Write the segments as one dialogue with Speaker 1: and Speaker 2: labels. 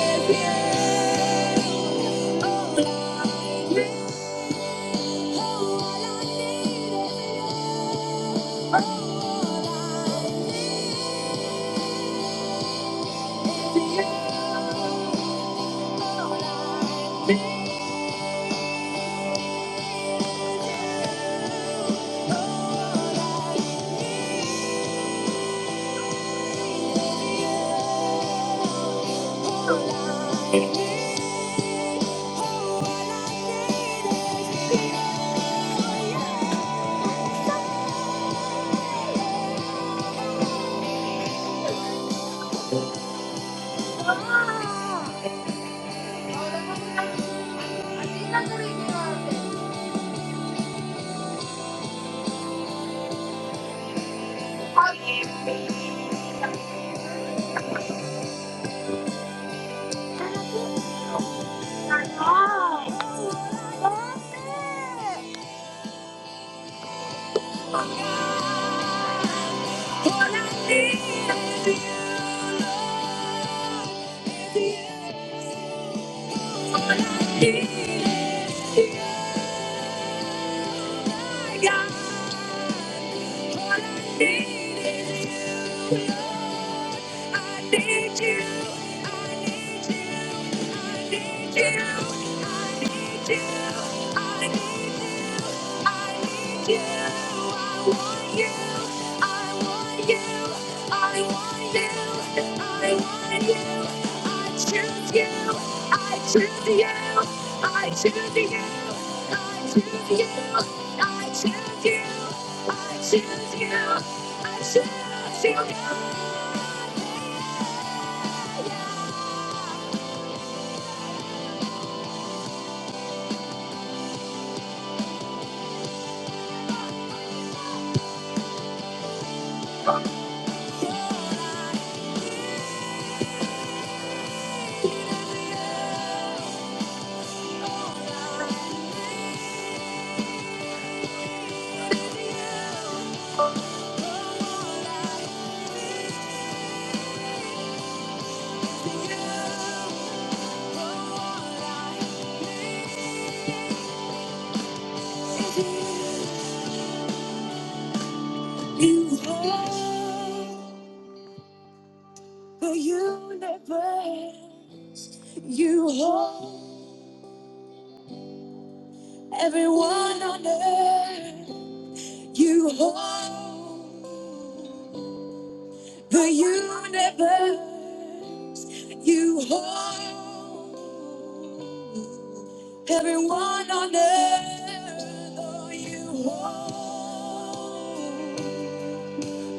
Speaker 1: All I need is you. What I need is you, is you. What I need is you. God, all I need is you. I need you. I need you. I need you. I need you. I need you. I need you. I want you. I want you. I want you. I want you. I choose you. I choose you. I choose you. I choose you. I choose you. I choose you. I choose you. You hold the universe. You hold everyone on earth. You hold. The universe you hold, everyone on earth, oh, you hold.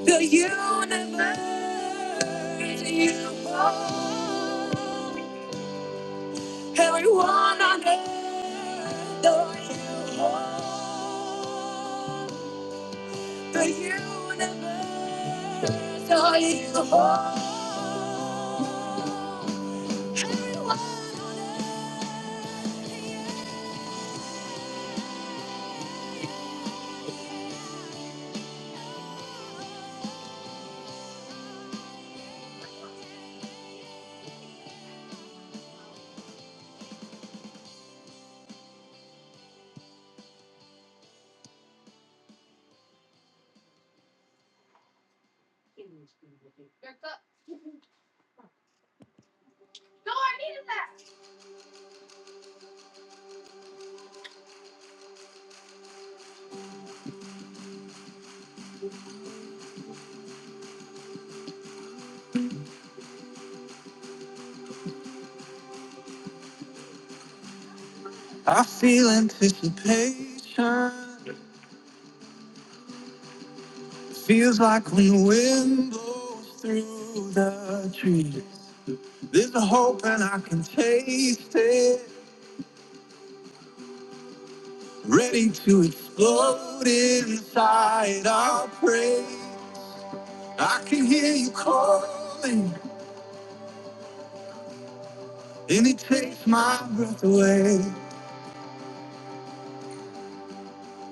Speaker 1: The universe you hold, everyone on earth, oh, you hold. The universe, are you whole? I feel anticipation. It Feels like when the wind blows through the trees. There's a hope and I can taste it. Ready to explode inside our praise. I can hear you calling and it takes my breath away.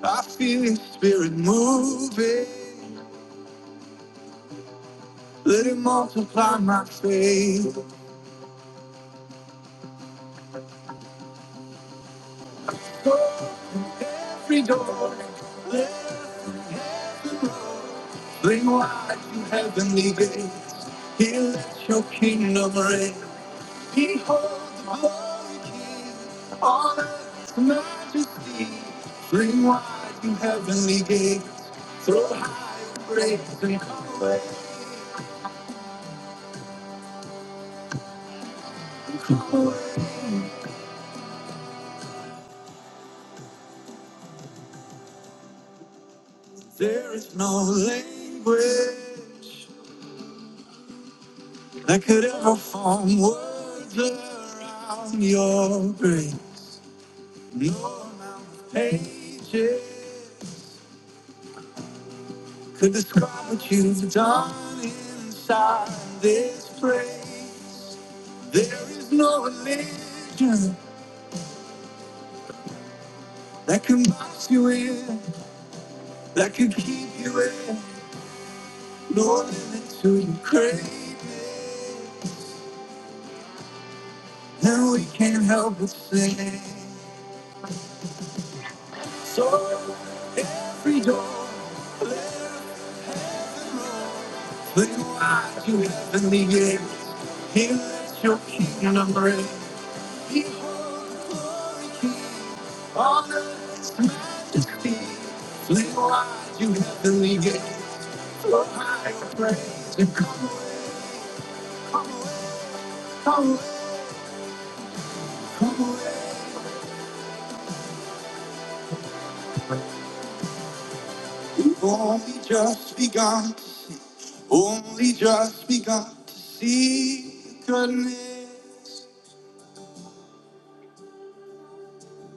Speaker 1: I feel Your spirit moving. Let it multiply my faith. Every door, let him bring wide to heavenly gates. He let your kingdom reign. Behold the glory king on earth's majesty. Bring wide to heavenly gates. Throw high your praise and come. There is no language. I could ever form words around your grace. No amount of pages could describe what you've done inside this place. There is no religion that can box you in, that can keep you in. No limit to your craving, and we can't help but sing. So every door. left. Look what you have in the air. Here's your kingdom reign. Behold the glory king. On earth's majesty. Look what you have in the air. Flow high your praise. And come, come, come away. Only just begun to see. Only just begun to see the goodness.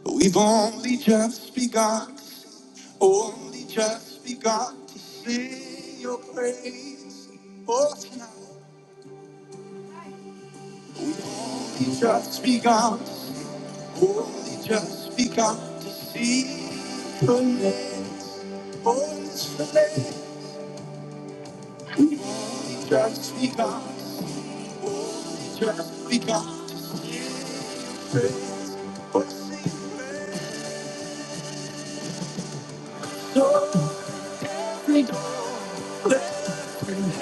Speaker 1: But we've only just begun. Only just begun to sing your praise. Oh, tonight. Only just begun. Only just begun to see your face. Oh, this place. Only just begun. Only just begun to praise. Oh, sing praise. So praise.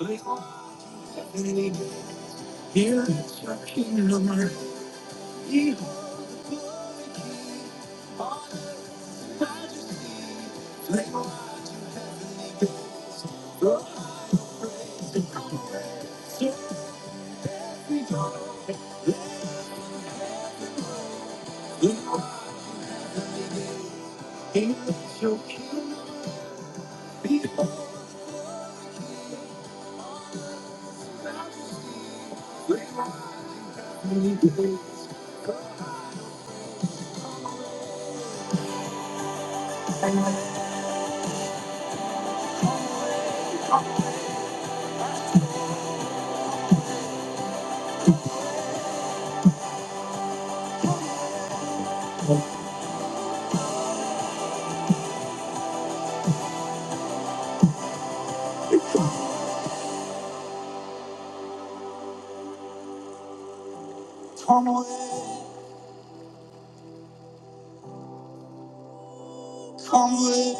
Speaker 1: Only Here, searching the mercy of the body. Little Come away, come away,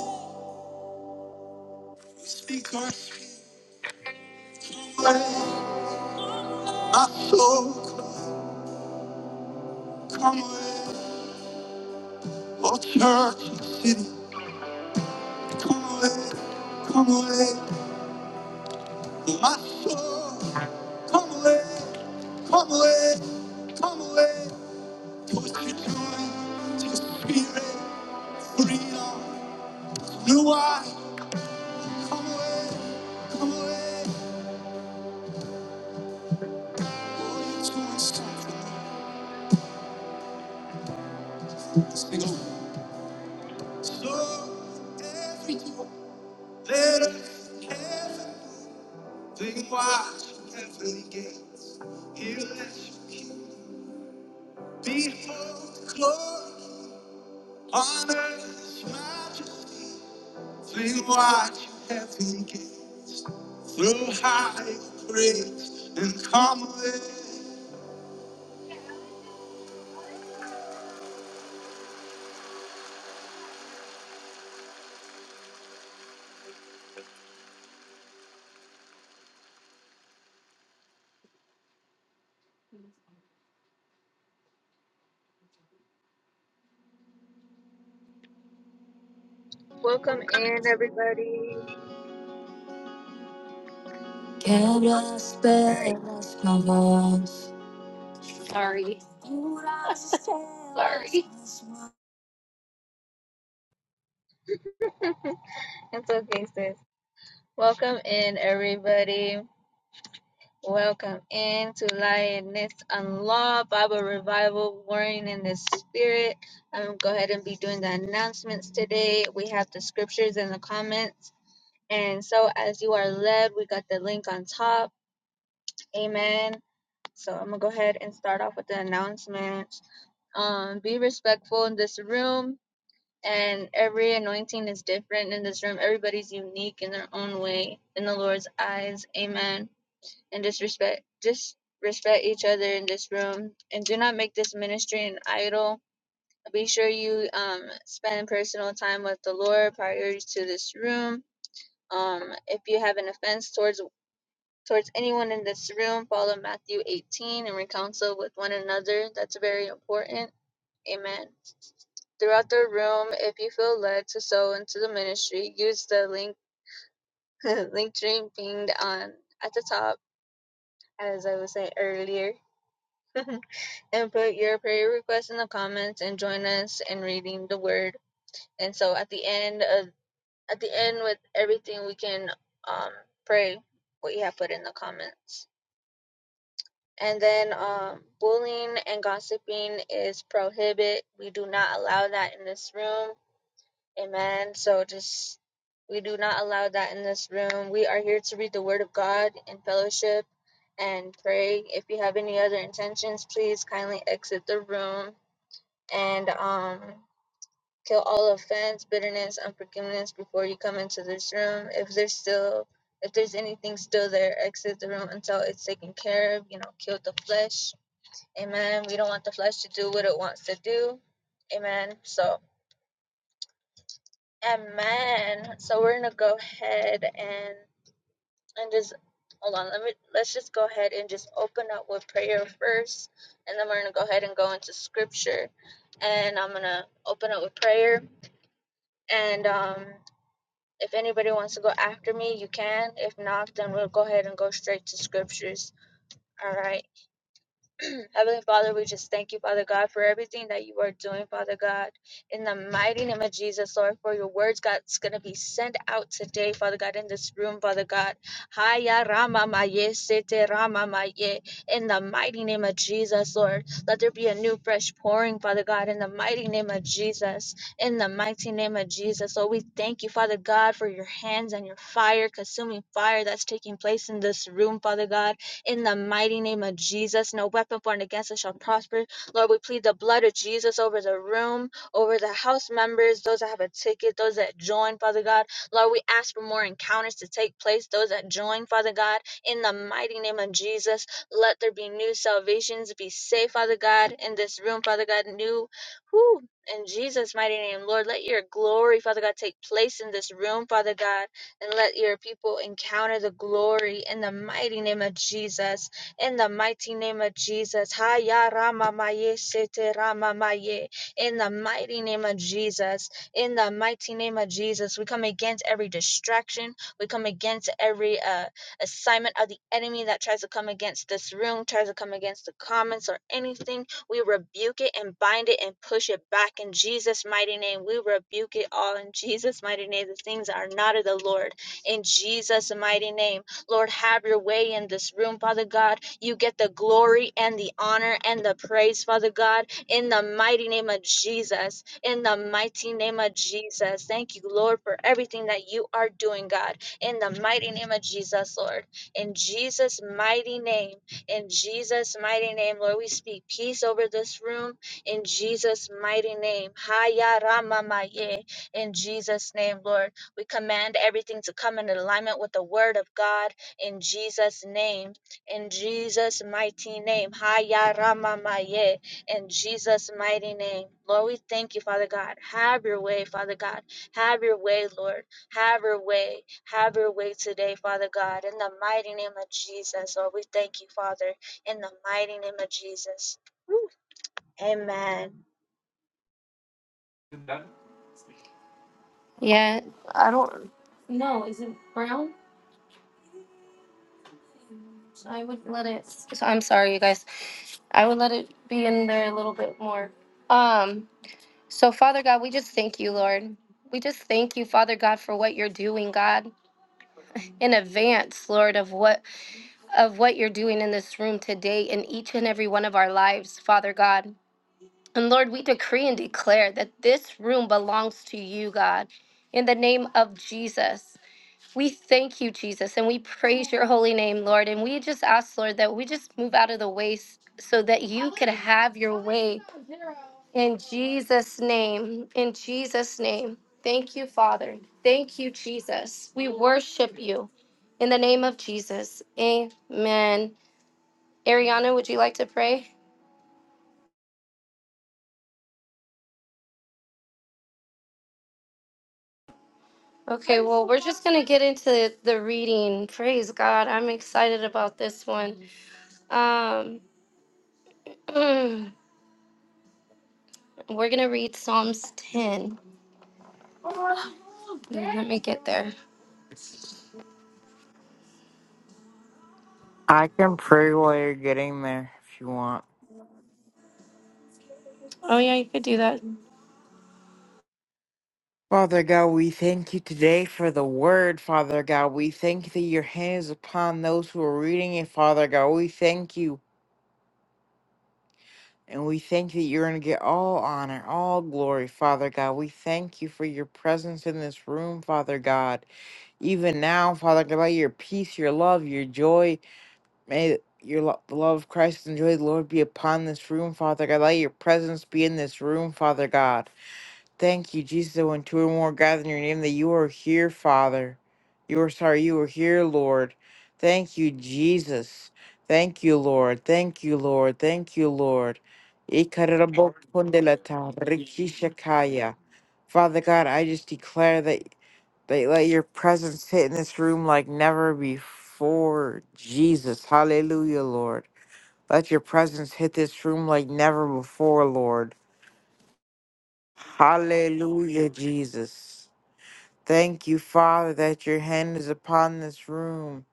Speaker 1: speak our sweet way. My soul, come away, oh church and city. Come away, come away, my soul, come away, come away, come away. To what you're doing, to your spirit. Breathe on, New eye. Come away. Come away. All your tools start with this big old. So every door. Later. Heaven. Think wide. Heavenly gates. Here let you keep. Behold glory. Honor. Majesty. Think wide. Heavenly gates. Through high praise. And come away.
Speaker 2: Welcome in, everybody. Oh,
Speaker 1: Quebra as
Speaker 2: sorry.
Speaker 1: penas, con vos. Sorry. Sorry.
Speaker 2: It's okay, sis. Welcome in, everybody. Welcome in to Lioness Unlocked Bible Revival Warring in the Spirit. I'm going to go ahead and be doing the announcements today. We have the scriptures in the comments. And so, as you are led, we got the link on top. Amen. So, I'm going to go ahead and start off with the announcements. Um, be respectful in this room. and every anointing is different in this room. Everybody's unique in their own way in the Lord's eyes. Amen. And disrespect, just respect each other in this room, and do not make this ministry an idol. Be sure you um, spend personal time with the Lord prior to this room. Um, if you have an offense towards towards anyone in this room, follow Matthew 18 and reconcile with one another. That's very important Amen. Throughout the room, if you feel led to sow into the ministry, use the link link dream pinged on at the top, as I was saying earlier. and put your prayer request in the comments and join us in reading the word. And so at the end of at the end with everything we can um pray what you have put in the comments. And then um bullying and gossiping is prohibit. We do not allow that in this room. Amen. So just we do not allow that in this room. We are here to read the word of God in fellowship and pray. If you have any other intentions, please kindly exit the room and um kill all offense, bitterness, unforgiveness before you come into this room. If there's still if there's anything still there, exit the room until it's taken care of, you know, kill the flesh. Amen. We don't want the flesh to do what it wants to do. Amen. So Amen. So we're gonna go ahead and and just hold on. Let me let's just go ahead and just open up with prayer first, and then we're gonna go ahead and go into scripture. And I'm gonna open up with prayer. And um, if anybody wants to go after me, you can. If not, then we'll go ahead and go straight to scriptures. All right. Heavenly Father, we just thank you, Father God, for everything that you are doing, Father God. In the mighty name of Jesus, Lord, for your words, God, it's going to be sent out today, Father God, in this room, Father God. Haya Rama Maye, Sete Rama Maye. In the mighty name of Jesus, Lord, let there be a new, fresh pouring, Father God, in the mighty name of Jesus. In the mighty name of Jesus, Lord, we thank you, Father God, for your hands and your fire, consuming fire that's taking place in this room, Father God in the mighty name of Jesus. No weapon formed against us shall prosper. Lord, we plead the blood of Jesus over the room, over the house members, those that have a ticket, those that join, Father God. Lord, we ask for more encounters to take place, those that join, Father God, in the mighty name of Jesus. Let there be new salvations. Be safe, Father God, in this room, Father God, new. Whew, in Jesus' mighty name, Lord, let your glory, Father God, take place in this room, Father God and let your people encounter the glory in the mighty name of Jesus. In the mighty name of Jesus. Haya Rama Maye Sete Rama Maye. In the mighty name of Jesus. In the mighty name of Jesus. We come against every distraction. We come against every uh, assignment of the enemy that tries to come against this room, tries to come against the comments or anything we rebuke it and bind it and push it back in Jesus' mighty name. We rebuke it all in Jesus' mighty name. The things that are not of the Lord in Jesus' mighty name. Lord, have your way in this room, Father God. You get the glory and the honor and the praise, Father God, in the mighty name of Jesus. In the mighty name of Jesus. Thank you, Lord, for everything that you are doing, God. In the mighty name of Jesus, Lord. In Jesus' mighty name. In Jesus' mighty name, Lord, we speak peace over this room. In Jesus' mighty name. Haya Rama Maye. In Jesus' name, Lord, we command everything to come in alignment with the word of God. In Jesus' name. In Jesus' mighty name. Haya Rama Maye. In Jesus' mighty name. Lord, we thank you, Father God. Have your way, Father God. Have your way, Lord. Have your way. Have your way today, Father God. In the mighty name of Jesus, Lord, we thank you, Father. In the mighty name of Jesus. Amen.
Speaker 1: Yeah, I don't. I would let it. so I'm sorry, you guys. I would let it be in there a little bit more. Um. So, Father God, we just thank you, Lord. We just thank you, Father God, for what you're doing, God, in advance, Lord, of what of what you're doing in this room today in each and every one of our lives, Father God. And Lord, we decree and declare that this room belongs to you, God, in the name of Jesus. We thank you, Jesus, and we praise your holy name, Lord. And we just ask, Lord, that we just move out of the way s- so that you could have your way in Jesus' name. In Jesus' name. Thank you, Father. Thank you, Jesus. We worship you in the name of Jesus. Amen. Ariana, would you like to pray? Okay, well, we're just going to get into the reading. Praise God. I'm excited about this one. Um, mm, we're going to read Psalms 10. Wait, Let me get there.
Speaker 3: I can pray while you're getting there if you want.
Speaker 1: Oh yeah, you could do that.
Speaker 3: Father God, we thank you today for the word, Father God. We thank you that your hand is upon those who are reading it, Father God. We thank you. And we thank you that you're going to get all honor, all glory, Father God. We thank you for your presence in this room, Father God. Even now, Father God, by your peace, your love, your joy, may your lo- the love of Christ and joy of the Lord be upon this room, Father God. Let your presence be in this room, Father God. Thank you, Jesus, that when two or more gather in your name, that you are here, Father. You are sorry, you are here, Lord. Thank you, Jesus. Thank you, Lord. Thank you, Lord. Thank you, Lord. Ikarabokpondelata, rikishakaya. Father God, I just declare that, that let your presence hit in this room like never before. Jesus. Hallelujah, Lord. Let your presence hit this room like never before, Lord. Hallelujah, Jesus. Thank you, Father, that your hand is upon this room.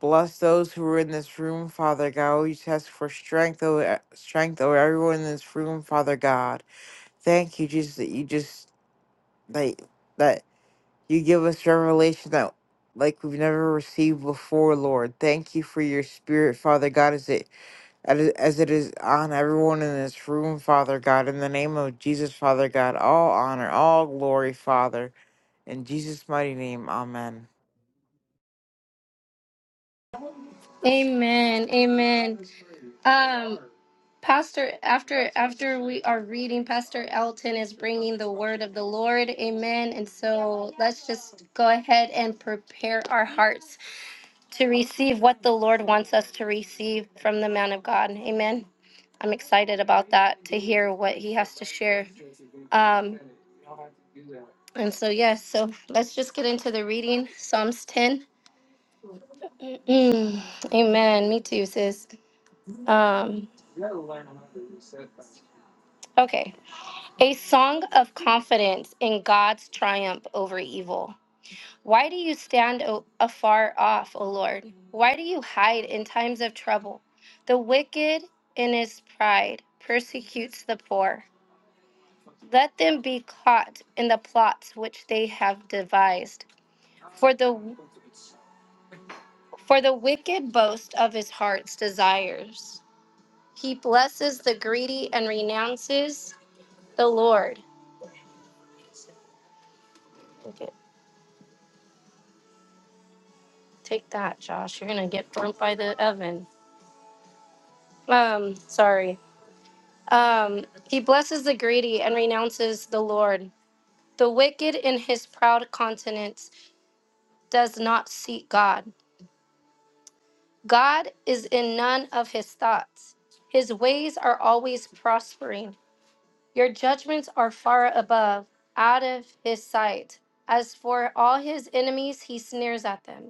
Speaker 3: Bless those who are in this room, Father God. We just ask for strength over strength over everyone in this room, Father God. Thank you, Jesus, that you just that that you give us revelation that like we've never received before, Lord. Thank you for your spirit, Father God, as it that is- As it is on everyone in this room, Father God, in the name of Jesus, Father God, all honor, all glory, Father, in Jesus' mighty name, Amen.
Speaker 1: Amen. Amen. Um, Pastor, after after we are reading, Pastor Elton is bringing the word of the Lord. Amen. And so let's just go ahead and prepare our hearts to receive what the Lord wants us to receive from the man of God. Amen. I'm excited about that to hear what he has to share. Um, and so yes, so let's just get into the reading. Psalms 10. Mm, amen. Me too, sis. Um, okay. A song of confidence in God's triumph over evil. Why do you stand o- afar off, O Lord? Why do you hide in times of trouble? The wicked in his pride persecutes the poor. Let them be caught in the plots which they have devised. For the for the wicked boast of his heart's desires. He blesses the greedy and renounces the Lord. Look Take that, Josh. You're gonna get burnt by the oven. Um, sorry. Um, he blesses the greedy and renounces the Lord. The wicked in his proud countenance does not seek God. God is in none of his thoughts. His ways are always prospering. Your judgments are far above, out of his sight. As for all his enemies, he sneers at them.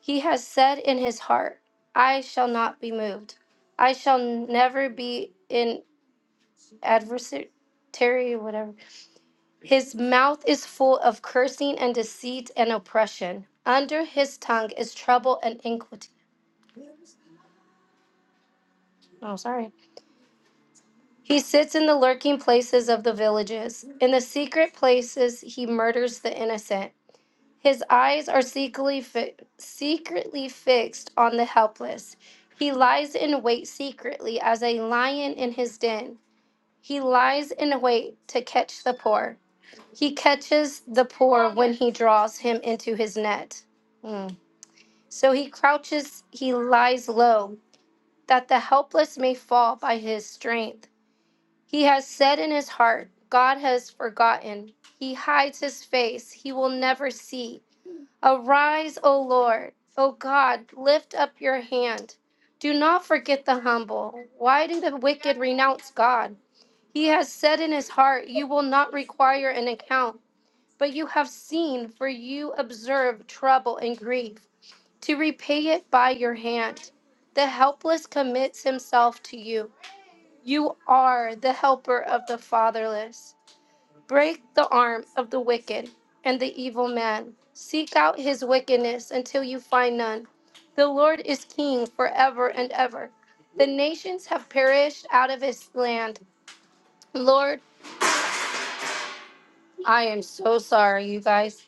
Speaker 1: He has said in his heart, I shall not be moved. I shall never be in adversary, whatever. His mouth is full of cursing and deceit and oppression. Under his tongue is trouble and iniquity. Oh, sorry. He sits in the lurking places of the villages. In the secret places, he murders the innocent. His eyes are secretly, fi- secretly fixed on the helpless. He lies in wait secretly as a lion in his den. He lies in wait to catch the poor. He catches the poor when he draws him into his net. Mm. So he crouches, he lies low, that the helpless may fall by his strength. He has said in his heart, God has forgotten. He hides his face, he will never see. Arise, O Lord, O God, lift up your hand. Do not forget the humble. Why do the wicked renounce God? He has said in his heart, You will not require an account, but you have seen, for you observe trouble and grief, to repay it by your hand. The helpless commits himself to you. You are the helper of the fatherless. Break the arms of the wicked and the evil man. Seek out his wickedness until you find none. The Lord is king forever and ever. The nations have perished out of his land. Lord, I am so sorry, you guys.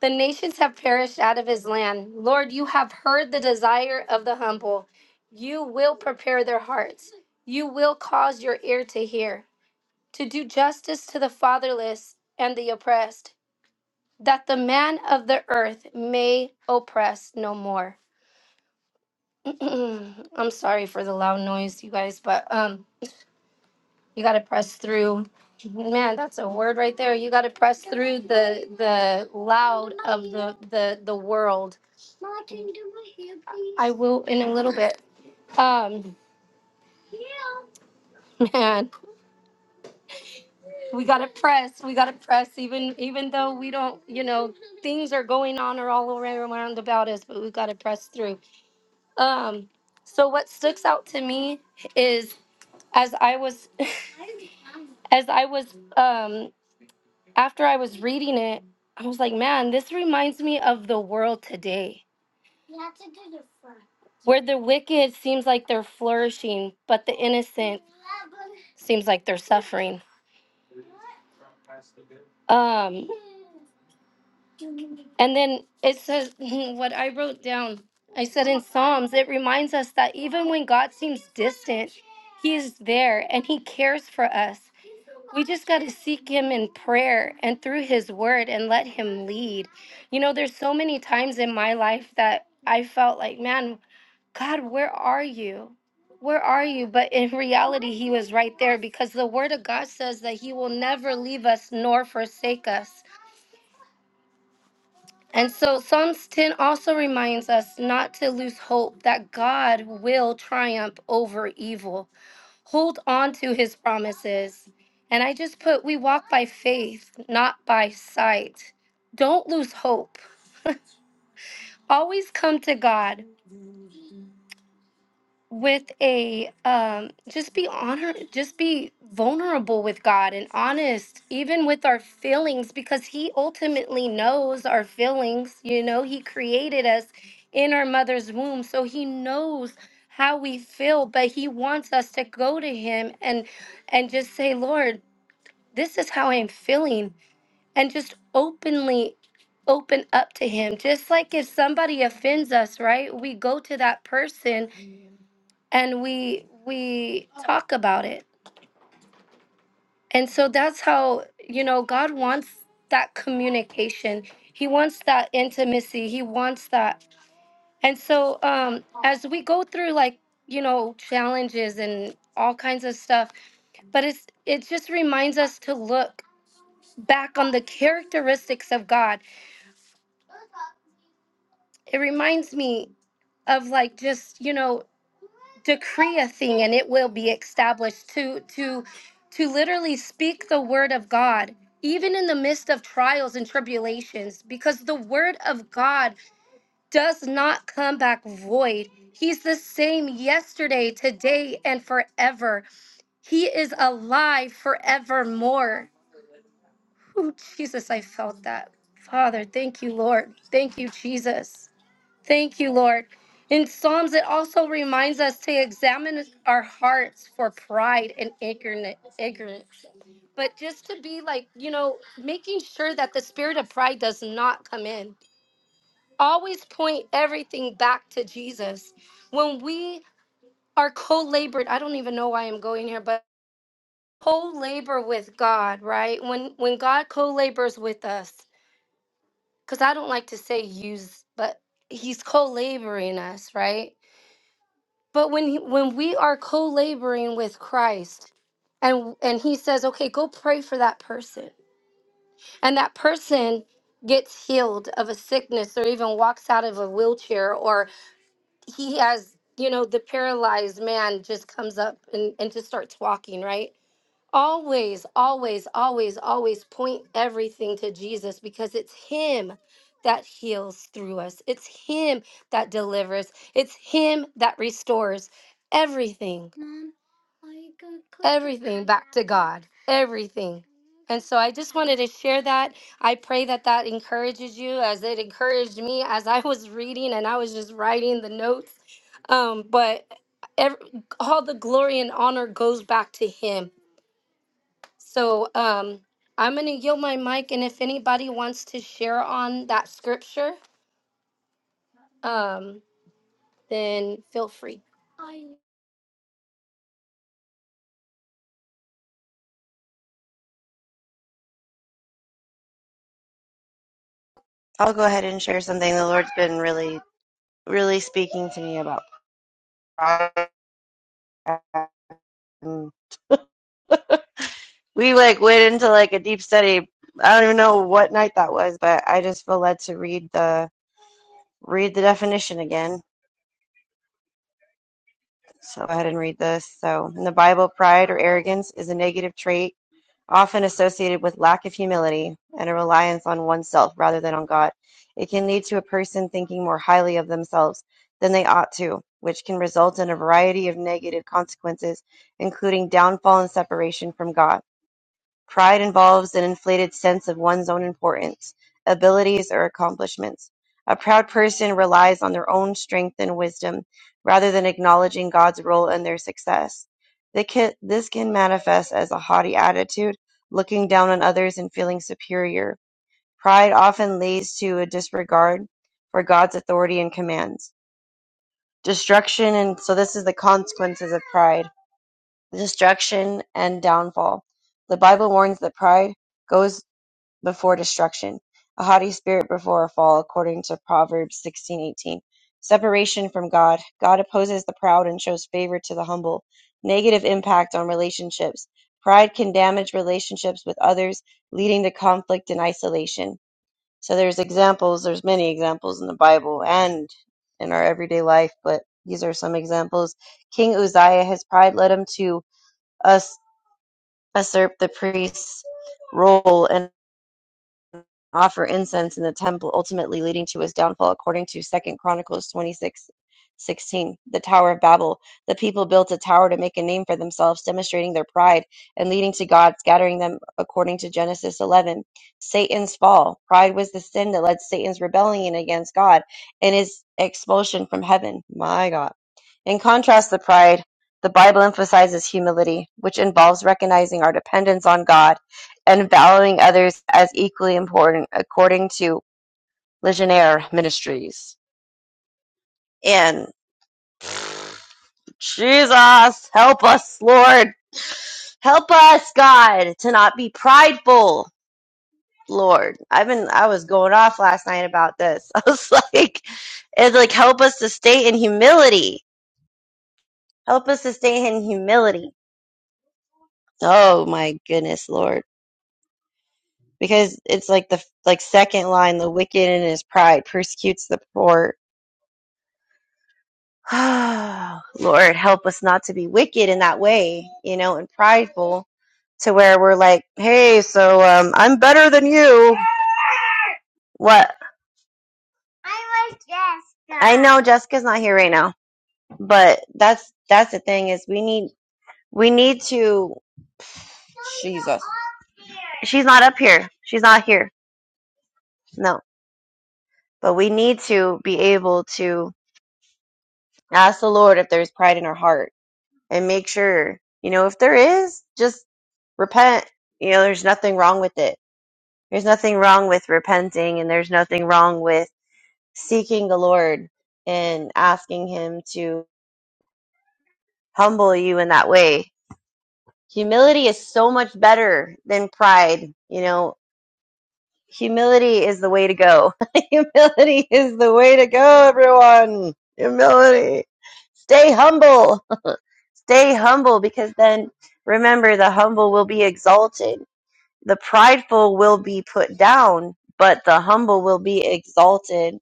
Speaker 1: The nations have perished out of his land. Lord, you have heard the desire of the humble. You will prepare their hearts. You will cause your ear to hear, to do justice to the fatherless and the oppressed that the man of the earth may oppress no more. I'm sorry for the loud noise, you guys, but um, you gotta press through. Man, that's a word right there. You gotta press through the the loud of the the the world. I will in a little bit. Um, man, we gotta press. We gotta press. Even even though we don't, you know, things are going on or all around about us, but we gotta press through. Um, so what sticks out to me is. as I was as I was um after I was reading it, I was like, man, this reminds me of the world today where the wicked seems like they're flourishing, but the innocent seems like they're suffering. Um and then it says what I wrote down. I said in Psalms, it reminds us that even when God seems distant, he is there and he cares for us. We just got to seek him in prayer and through his word and let him lead. You know, there's so many times in my life that I felt like, man, God, where are you? Where are you? But in reality, he was right there because the word of God says that he will never leave us nor forsake us. And so Psalms 10 also reminds us not to lose hope that God will triumph over evil hold on to his promises. And I just put, we walk by faith, not by sight. Don't lose hope. Always come to God with a, um, just be honor, just be vulnerable with God and honest, even with our feelings, because He ultimately knows our feelings. You know, He created us in our mother's womb, so He knows how we feel, but He wants us to go to Him and and just say, Lord, this is how I'm feeling, and just openly open up to Him. Just like if somebody offends us, right? We go to that person and we we talk about it. And so that's how you know God wants that communication. He wants that intimacy. He wants that. And so um, as we go through like you know challenges and all kinds of stuff, but it's it just reminds us to look back on the characteristics of God it reminds me of like just you know decree a thing and it will be established to to to literally speak the word of god even in the midst of trials and tribulations because the word of god does not come back void he's the same yesterday today and forever he is alive forevermore Ooh, jesus i felt that father thank you lord thank you jesus Thank you, Lord. In Psalms, it also reminds us to examine our hearts for pride and ignorant- ignorance. But just to be like, you know, making sure that the spirit of pride does not come in. Always point everything back to Jesus. When we are co-labored, I don't even know why I'm going here, but co-labor with God, right? When when God co-labors with us, because I don't like to say use, but He's co-laboring us, right? But when he, when we are co-laboring with Christ and and he says, "Okay, go pray for that person." And that person gets healed of a sickness or even walks out of a wheelchair or he has, you know, the paralyzed man just comes up and, and just starts walking, right? Always, always, always, always point everything to Jesus because it's him that heals through us. It's him that delivers. It's him that restores everything everything back to God, everything. And so I just wanted to share that. I pray that that encourages you as it encouraged me as I was reading and I was just writing the notes. Um, but ev all the glory and honor goes back to Him. So um, I'm going to yield my mic. And if anybody wants to share on that scripture, um, then feel free.
Speaker 4: I'll go ahead and share something. The Lord's been really, really speaking to me about. Um, we like went into like a deep study. I don't even know what night that was, but I just feel led to read the read the definition again. So go ahead and read this. So in the Bible, pride or arrogance is a negative trait often associated with lack of humility and a reliance on oneself rather than on God. It can lead to a person thinking more highly of themselves than they ought to, which can result in a variety of negative consequences, including downfall and separation from God. Pride involves an inflated sense of one's own importance, abilities, or accomplishments. A proud person relies on their own strength and wisdom rather than acknowledging God's role in their success. They can- This can manifest as a haughty attitude, looking down on others and feeling superior. Pride often leads to a disregard for God's authority and commands. Destruction and so this is the consequences of pride. Destruction and downfall. The Bible warns that pride goes before destruction, a haughty spirit before a fall, according to Proverbs sixteen eighteen. Separation from God. God opposes the proud and shows favor to the humble. Negative impact on relationships. Pride can damage relationships with others, leading to conflict and isolation. So there's examples, there's many examples in the Bible and in our everyday life, but these are some examples. King Uzziah, his pride led him to us usurp the priest's role and offer incense in the temple, ultimately leading to his downfall, according to Second Chronicles twenty six sixteen. The Tower of Babel. The people built a tower to make a name for themselves, demonstrating their pride and leading to God scattering them, according to Genesis 11. Satan's fall. Pride was the sin that led Satan's rebellion against God and his expulsion from heaven. My God. In contrast to pride, the Bible emphasizes humility, which involves recognizing our dependence on God and valuing others as equally important according to Legionnaire Ministries. And Jesus, help us, Lord. Help us, God, to not be prideful. Lord, I've been I was going off last night about this. I was like, it's like help us to stay in humility. Help us to stay in humility. Oh my goodness, Lord. Because it's like the like second line, the wicked in his pride persecutes the poor Oh, Lord, help us not to be wicked in that way, you know, and prideful to where we're like, hey, so um, I'm better than you. What? I know Jessica's not here right now, but that's that's the thing is we need we need to Jesus. She's not up here. She's not here. No, but we need to be able to ask the Lord if there's pride in our heart and make sure you know if there is. just. repent. You know, there's nothing wrong with it. There's nothing wrong with repenting, and there's nothing wrong with seeking the Lord and asking Him to humble you in that way. Humility is so much better than pride. You know, humility is the way to go. humility is the way to go, everyone. Humility. Stay humble. Stay humble because then remember the humble will be exalted The prideful will be put down, but the humble will be exalted.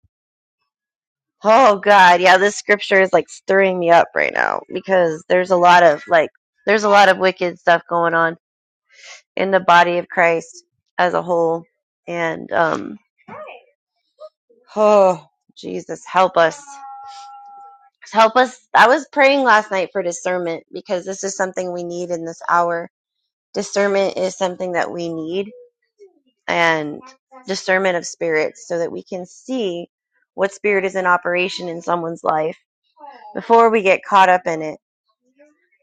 Speaker 4: Oh God, yeah, this scripture is like stirring me up right now because there's a lot of like there's a lot of wicked stuff going on in the body of Christ as a whole. And um oh Jesus, help us. Help us. I was praying last night for discernment because this is something we need in this hour. Discernment is something that we need. And discernment of spirits so that we can see what spirit is in operation in someone's life before we get caught up in it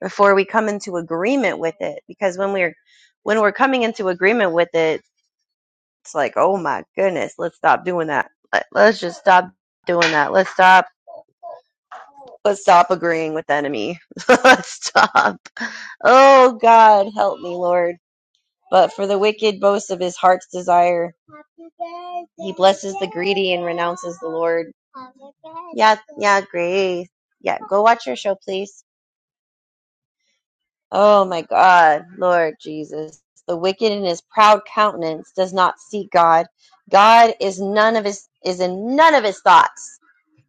Speaker 4: before we come into agreement with it because when we're when we're coming into agreement with it it's like oh my goodness let's stop doing that Let- let's just stop doing that let's stop let's stop agreeing with the enemy let's stop oh god help me lord But for the wicked boasts of his heart's desire. He blesses the greedy and renounces the Lord. Yeah, yeah, Grace. Yeah, go watch your show, please. Oh my God, Lord Jesus. The wicked in his proud countenance does not seek God. God is none of his is in none of his thoughts.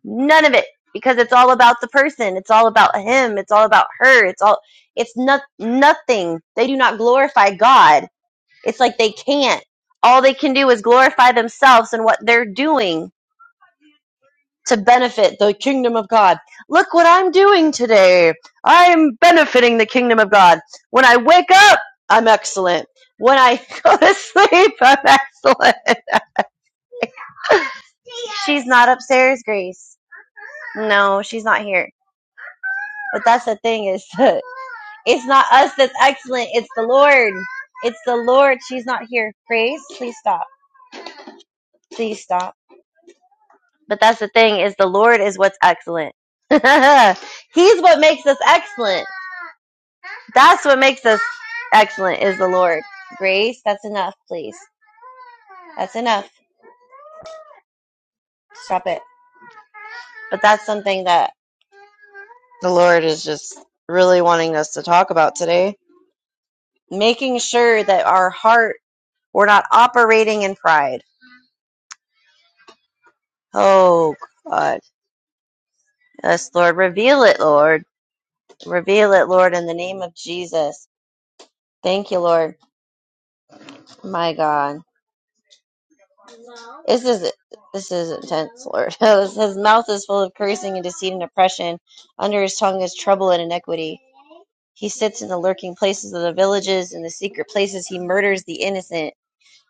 Speaker 4: None of it. Because it's all about the person. It's all about him. It's all about her. It's all it's not nothing. They do not glorify God it's like they can't. All they can do is glorify themselves and what they're doing to benefit the kingdom of God. Look what I'm doing today. I am benefiting the kingdom of God. When I wake up, I'm excellent. When I go to sleep, I'm excellent. She's not upstairs, Grace. No, she's not here. But that's the thing is it's not us that's excellent, it's the Lord. It's the Lord. She's not here. Grace, please stop. Please stop. But that's the thing is the Lord is what's excellent. He's what makes us excellent. That's what makes us excellent is the Lord. Grace, that's enough, please. That's enough. Stop it. But that's something that the Lord is just really wanting us to talk about today. Making sure that our heart, we're not operating in pride. Oh, God. Yes, Lord. Reveal it, Lord. Reveal it, Lord, in the name of Jesus. Thank you, Lord. My God. This is this is intense, Lord. His mouth is full of cursing and deceit and oppression. Under his tongue is trouble and iniquity. He sits in the lurking places of the villages, in the secret places he murders the innocent.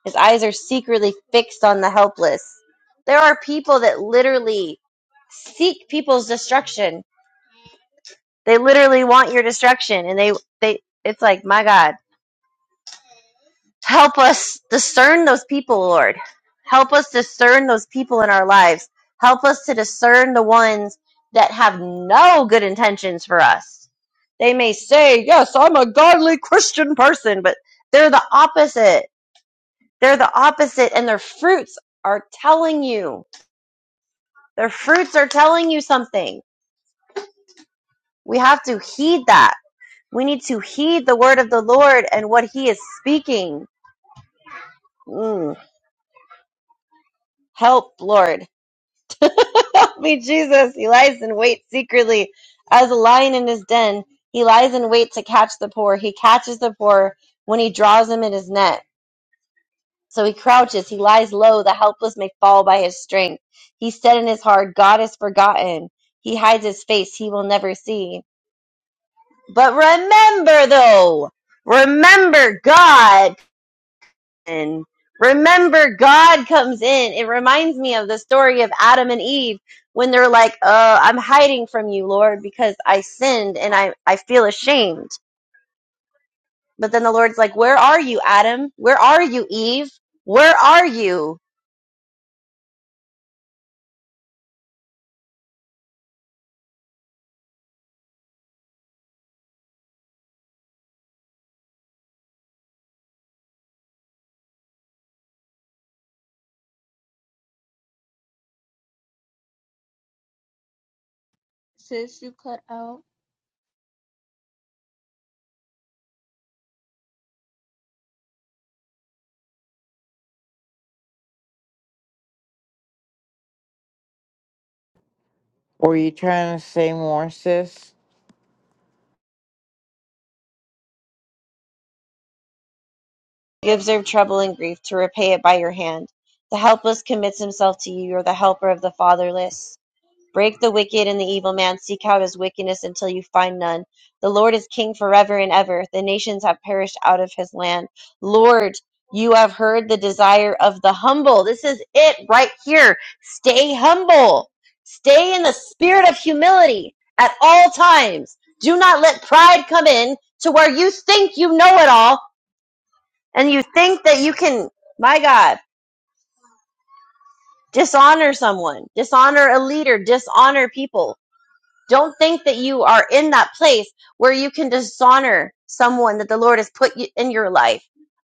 Speaker 4: His eyes are secretly fixed on the helpless. There are people that literally seek people's destruction. They literally want your destruction, and they they it's like my God Help us discern those people, Lord. Help us discern those people in our lives. Help us to discern the ones that have no good intentions for us. They may say, Yes, I'm a godly Christian person, but they're the opposite. They're the opposite, and their fruits are telling you. Their fruits are telling you something. We have to heed that. We need to heed the word of the Lord and what he is speaking. Mm. Help, Lord Help me, Jesus. He lies in wait secretly as a lion in his den. He lies in wait to catch the poor. He catches the poor when he draws him in his net. So he crouches. He lies low. The helpless may fall by his strength. He said in his heart, God is forgotten. He hides his face. He will never see. But remember, though, remember God. and remember god comes in it reminds me of the story of adam and eve when they're like oh i'm hiding from you lord because i sinned and i i feel ashamed but then the lord's like where are you adam where are you eve where are you
Speaker 2: Sis, you cut out.
Speaker 3: Were you trying to say more, sis?
Speaker 4: you observe trouble and grief to repay it by your hand The helpless commits himself to you you're the helper of the fatherless Break the wicked and the evil man. Seek out his wickedness until you find none. The Lord is king forever and ever. The nations have perished out of his land. Lord, you have heard the desire of the humble. This is it right here. Stay humble. Stay in the spirit of humility at all times. Do not let pride come in to where you think you know it all and you think that you can, my God, dishonor someone, dishonor a leader, dishonor people Don't think that you are in that place where you can dishonor someone that the Lord has put you- in your life,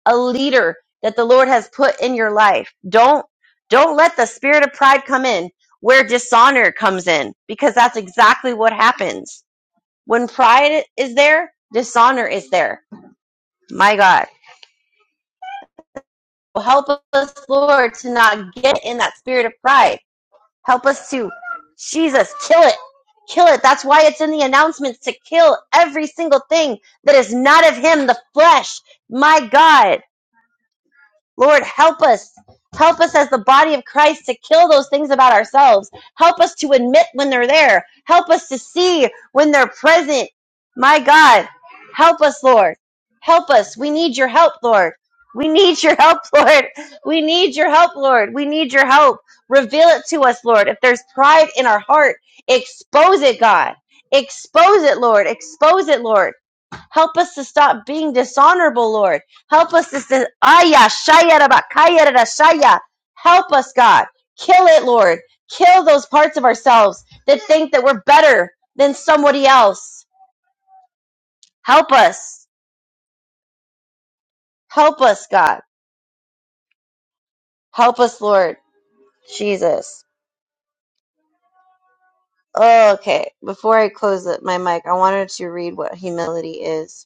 Speaker 4: a leader that the Lord has put in your life. Don't don't let the spirit of pride come in where dishonor comes in because that's exactly what happens. When pride is there, dishonor is there. My God. Help us, Lord, to not get in that spirit of pride Help us to, Jesus, kill it. Kill it. That's why it's in the announcements to kill every single thing that is not of Him, the flesh. My God. Lord, help us. Help us as the body of Christ to kill those things about ourselves. Help us to admit when they're there. Help us to see when they're present. My God, help us, Lord. Help us. We need your help, Lord. We need your help, Lord. We need your help, Lord. We need your help. Reveal it to us, Lord. If there's pride in our heart, expose it, God. Expose it, Lord. Expose it, Lord. Help us to stop being dishonorable, Lord. Help us to say, Aya, Shaya, Rabba, Kaya, Rada, Help us, God. Kill it, Lord. Kill those parts of ourselves that think that we're better than somebody else. Help us. Help us, God. Help us, Lord. Jesus. Okay, before I close the- my mic, I wanted to read what humility is.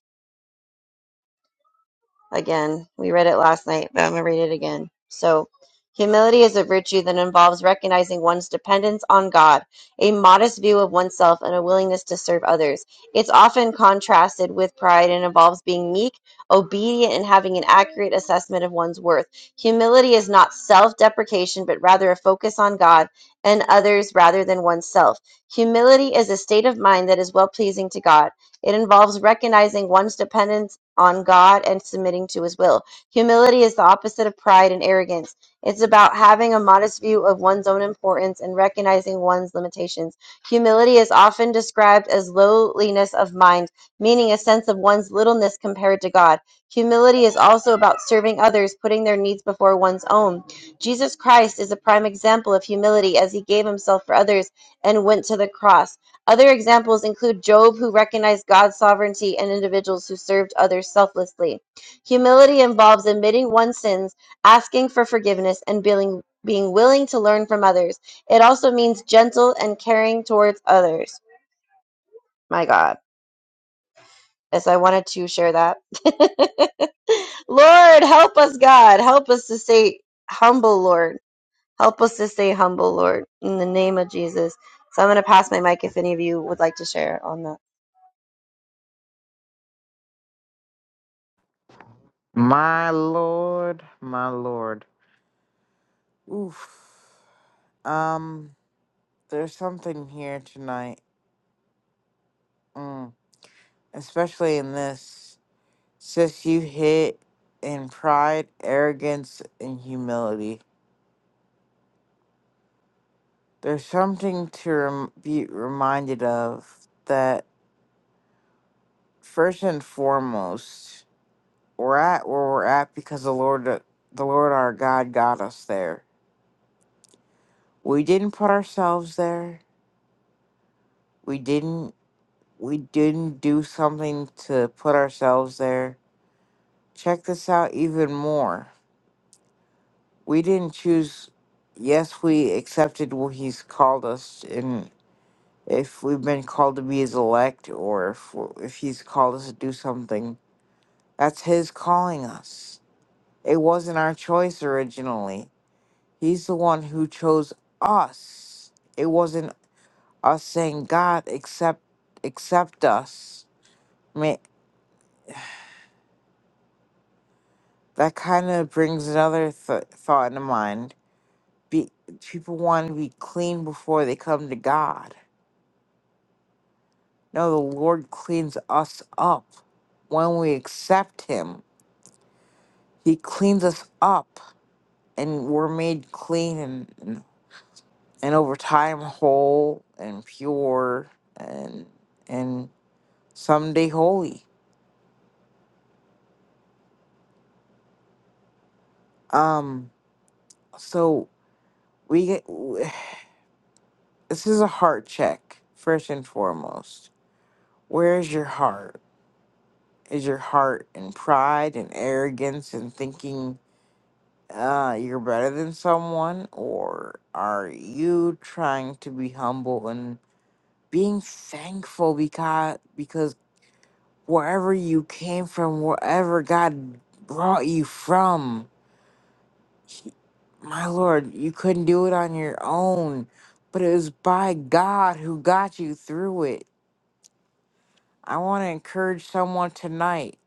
Speaker 4: again. We read it last night, but I'm going to read it again. So, humility is a virtue that involves recognizing one's dependence on God, a modest view of oneself, and a willingness to serve others. It's often contrasted with pride and involves being meek, obedient, and having an accurate assessment of one's worth. Humility is not self deprecation, but rather a focus on God and others rather than oneself. Humility is a state of mind that is well pleasing to God. It involves recognizing one's dependence on God and submitting to his will. Humility is the opposite of pride and arrogance. It's about having a modest view of one's own importance and recognizing one's limitations. Humility is often described as lowliness of mind, meaning a sense of one's littleness compared to God. Humility is also about serving others, putting their needs before one's own. Jesus Christ is a prime example of humility as he gave himself for others and went to the cross. Other examples include Job, who recognized God's sovereignty, and individuals who served others selflessly. Humility involves admitting one's sins, asking for forgiveness, and being, being willing to learn from others. It also means gentle and caring towards others. My God. Yes, I wanted to share that. Lord, help us, God. Help us to stay humble, Lord. Help us to stay humble, Lord, in the name of Jesus. So I'm going to pass my mic if any of you would like to share on that.
Speaker 3: My Lord, my Lord. Oof. Um, there's something here tonight. Mm. Especially in this. Sis, you hit in pride, arrogance, and humility. There's something to rem- be reminded of that first and foremost, we're at where we're at because the Lord, the Lord our God, got us there. We didn't put ourselves there. We didn't. We didn't do something to put ourselves there. Check this out even more. We didn't choose. Yes, we accepted what He's called us, and if we've been called to be His elect, or if if He's called us to do something, that's His calling us. It wasn't our choice originally He's the one who chose us. It wasn't us saying, God, accept, accept us. I mean, that kind of brings another th- thought into mind. Be- people want to be clean before they come to God. No, the Lord cleans us up. When we accept Him, He cleans us up and we're made clean and, and, and over time whole and pure and, and someday holy Um, so we this is a heart check first and foremost. Where is your heart? Is your heart in pride and arrogance and thinking uh you're better than someone or are you trying to be humble and being thankful because because wherever you came from, wherever God brought you from, He- My Lord, you couldn't do it on your own, but it was by God who got you through it. I want to encourage someone tonight.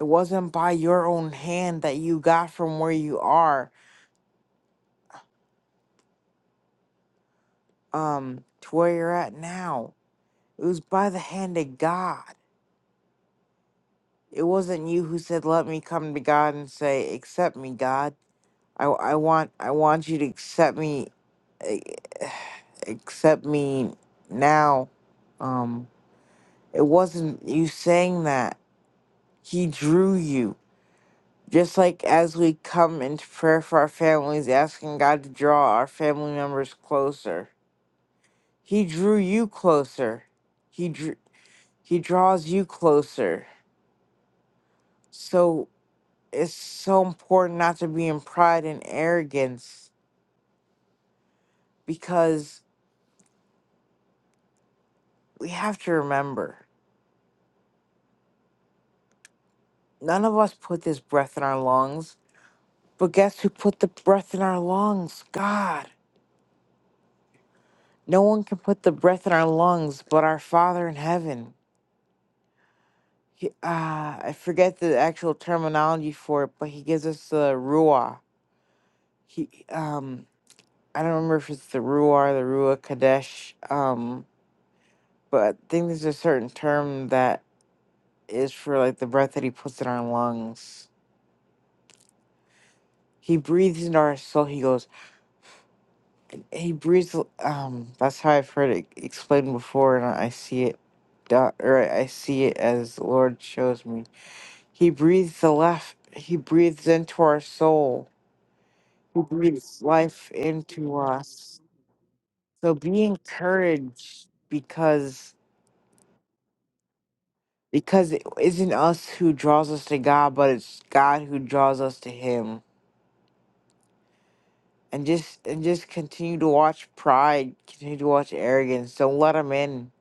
Speaker 3: It wasn't by your own hand that you got from where you are um to where you're at now. It was by the hand of God. It wasn't you who said, "Let me come to God and say, accept me, God. I, I want I want you to accept me, eh, accept me now." um." It wasn't you saying that. He drew you. Just like as we come into prayer for our families, asking God to draw our family members closer. He drew you closer. He drew, he draws you closer. So it's so important not to be in pride and arrogance because we have to remember none of us put this breath in our lungs. But guess who put the breath in our lungs? God. No one can put the breath in our lungs but our Father in heaven. He, ah, I forget the actual terminology for it, but he gives us the Ruah. He, um, I don't remember if it's the Ruah, or the Ruah Kadesh, um, but I think there's a certain term that is for like the breath that he puts in our lungs. He breathes into our soul. He goes, he breathes, um, that's how I've heard it explained before, and I see it, do- or I I see it as the Lord shows me He breathes the life. He breathes into our soul. He breathes life into us. So be encouraged because because it isn't us who draws us to God, but it's God who draws us to Him. And just and just continue to watch pride. Continue to watch arrogance. Don't let them in.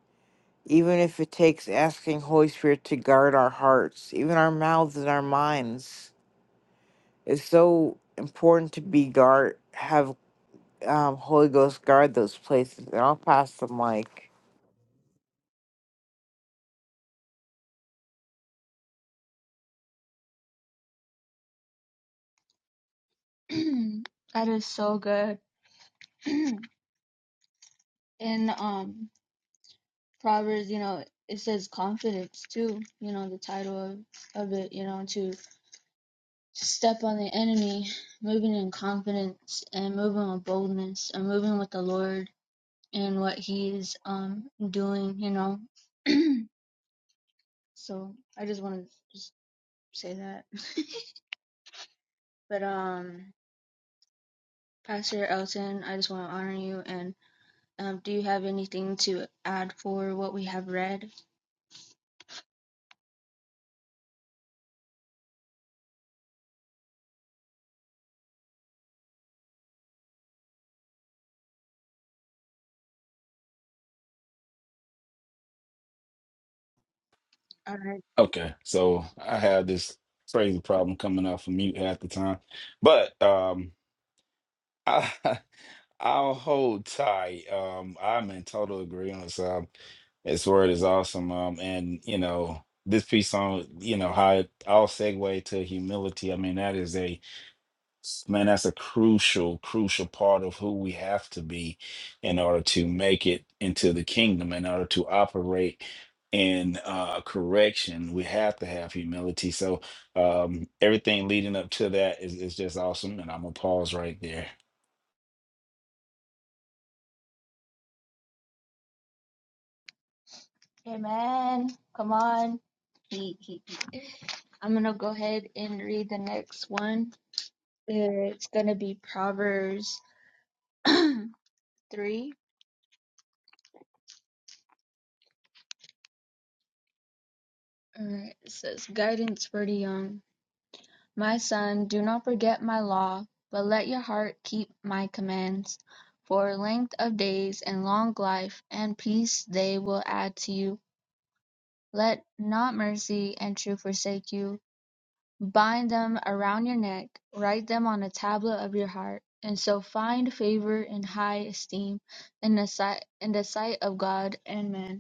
Speaker 3: Even if it takes asking Holy Spirit to guard our hearts, even our mouths and our minds. It's so important to be guard have um, Holy Ghost guard those places. And I'll pass the mic.
Speaker 2: that is so good. In um Proverbs, you know, it says confidence too. You know, the title of of it. You know, to step on the enemy, moving in confidence and moving with boldness and moving with the Lord and what He is um doing. You know. So I just want to just say that. but um, Pastor Elton, I just want to honor you. And um, do you have anything to add for what we have read? All right. Amen. Come on. He- he- I'm gonna go ahead and read the next one. It's gonna be Proverbs three. All right. It says guidance for the young. My son, do not forget my law, but let your heart keep my commands. For length of days and long life and peace they will add to you. Let not mercy and truth forsake you. Bind them around your neck, write them on a tablet of your heart, and so find favor and high esteem in the sight, in the sight of God and man.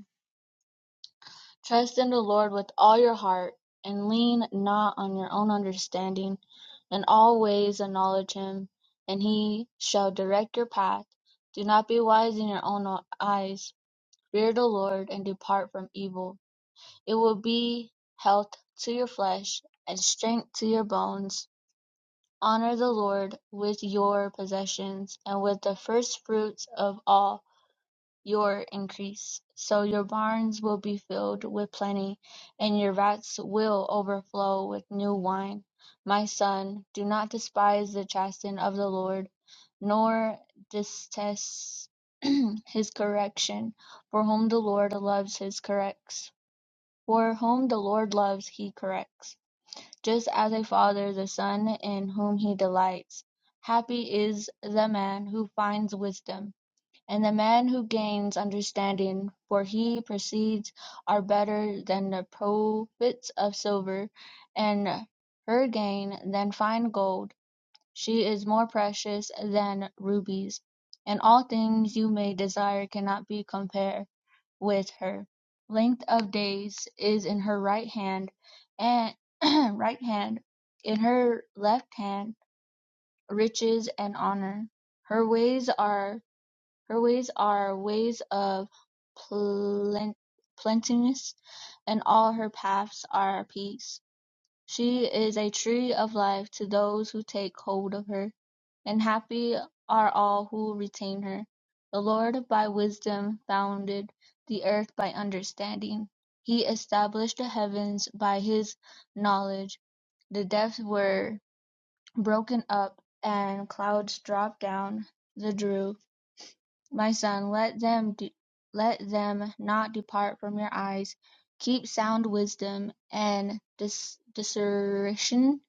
Speaker 2: Trust in the Lord with all your heart, and lean not on your own understanding. In all ways acknowledge him, and he shall direct your path. Do not be wise in your own eyes. Fear the Lord and depart from evil. It will be health to your flesh and strength to your bones. Honor the Lord with your possessions and with the first fruits of all your increase, so your barns will be filled with plenty, and your vats will overflow with new wine. My son, do not despise the chastening of the Lord, nor detest his correction, for whom the Lord loves his corrects. For whom the Lord loves, he corrects, just as a father the son in whom he delights. Happy is the man who finds wisdom and the man who gains understanding, for he proceeds, are better than the profits of silver, and her gain than fine gold. She is more precious than rubies, and all things you may desire cannot be compared with her. Length of days is in her right hand, and right hand, in her left hand, riches and honor. Her ways are her ways are ways of plen- plenteousness, and all her paths are peace. She is a tree of life to those who take hold of her, and happy are all who retain her. The Lord by wisdom founded the earth by understanding. He established the heavens by his knowledge. The depths were broken up, and clouds dropped down the dew. My son, let them de- let them not depart from your eyes. Keep sound wisdom and dis- discretion,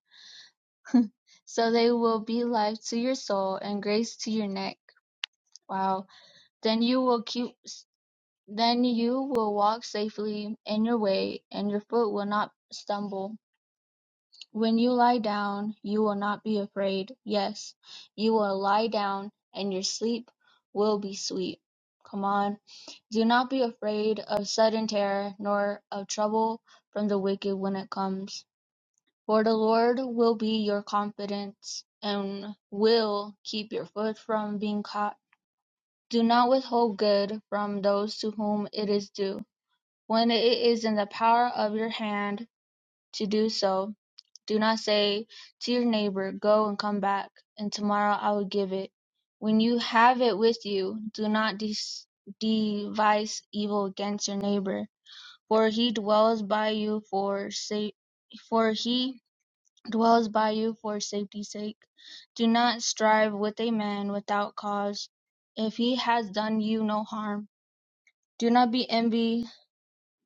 Speaker 2: so they will be life to your soul and grace to your neck. Wow. Then you will keep then you will walk safely in your way, and your foot will not stumble. When you lie down, you will not be afraid. Yes, you will lie down, and your sleep will be sweet. Come on. Do not be afraid of sudden terror, nor of trouble from the wicked when it comes. For the Lord will be your confidence, and will keep your foot from being caught. Do not withhold good from those to whom it is due. When it is in the power of your hand to do so, do not say to your neighbor, Go and come back, and tomorrow I will give it. When you have it with you, do not de- devise evil against your neighbor for he dwells by you for sa- for he dwells by you for safety's sake. Do not strive with a man without cause, if he has done you no harm. Do not be envy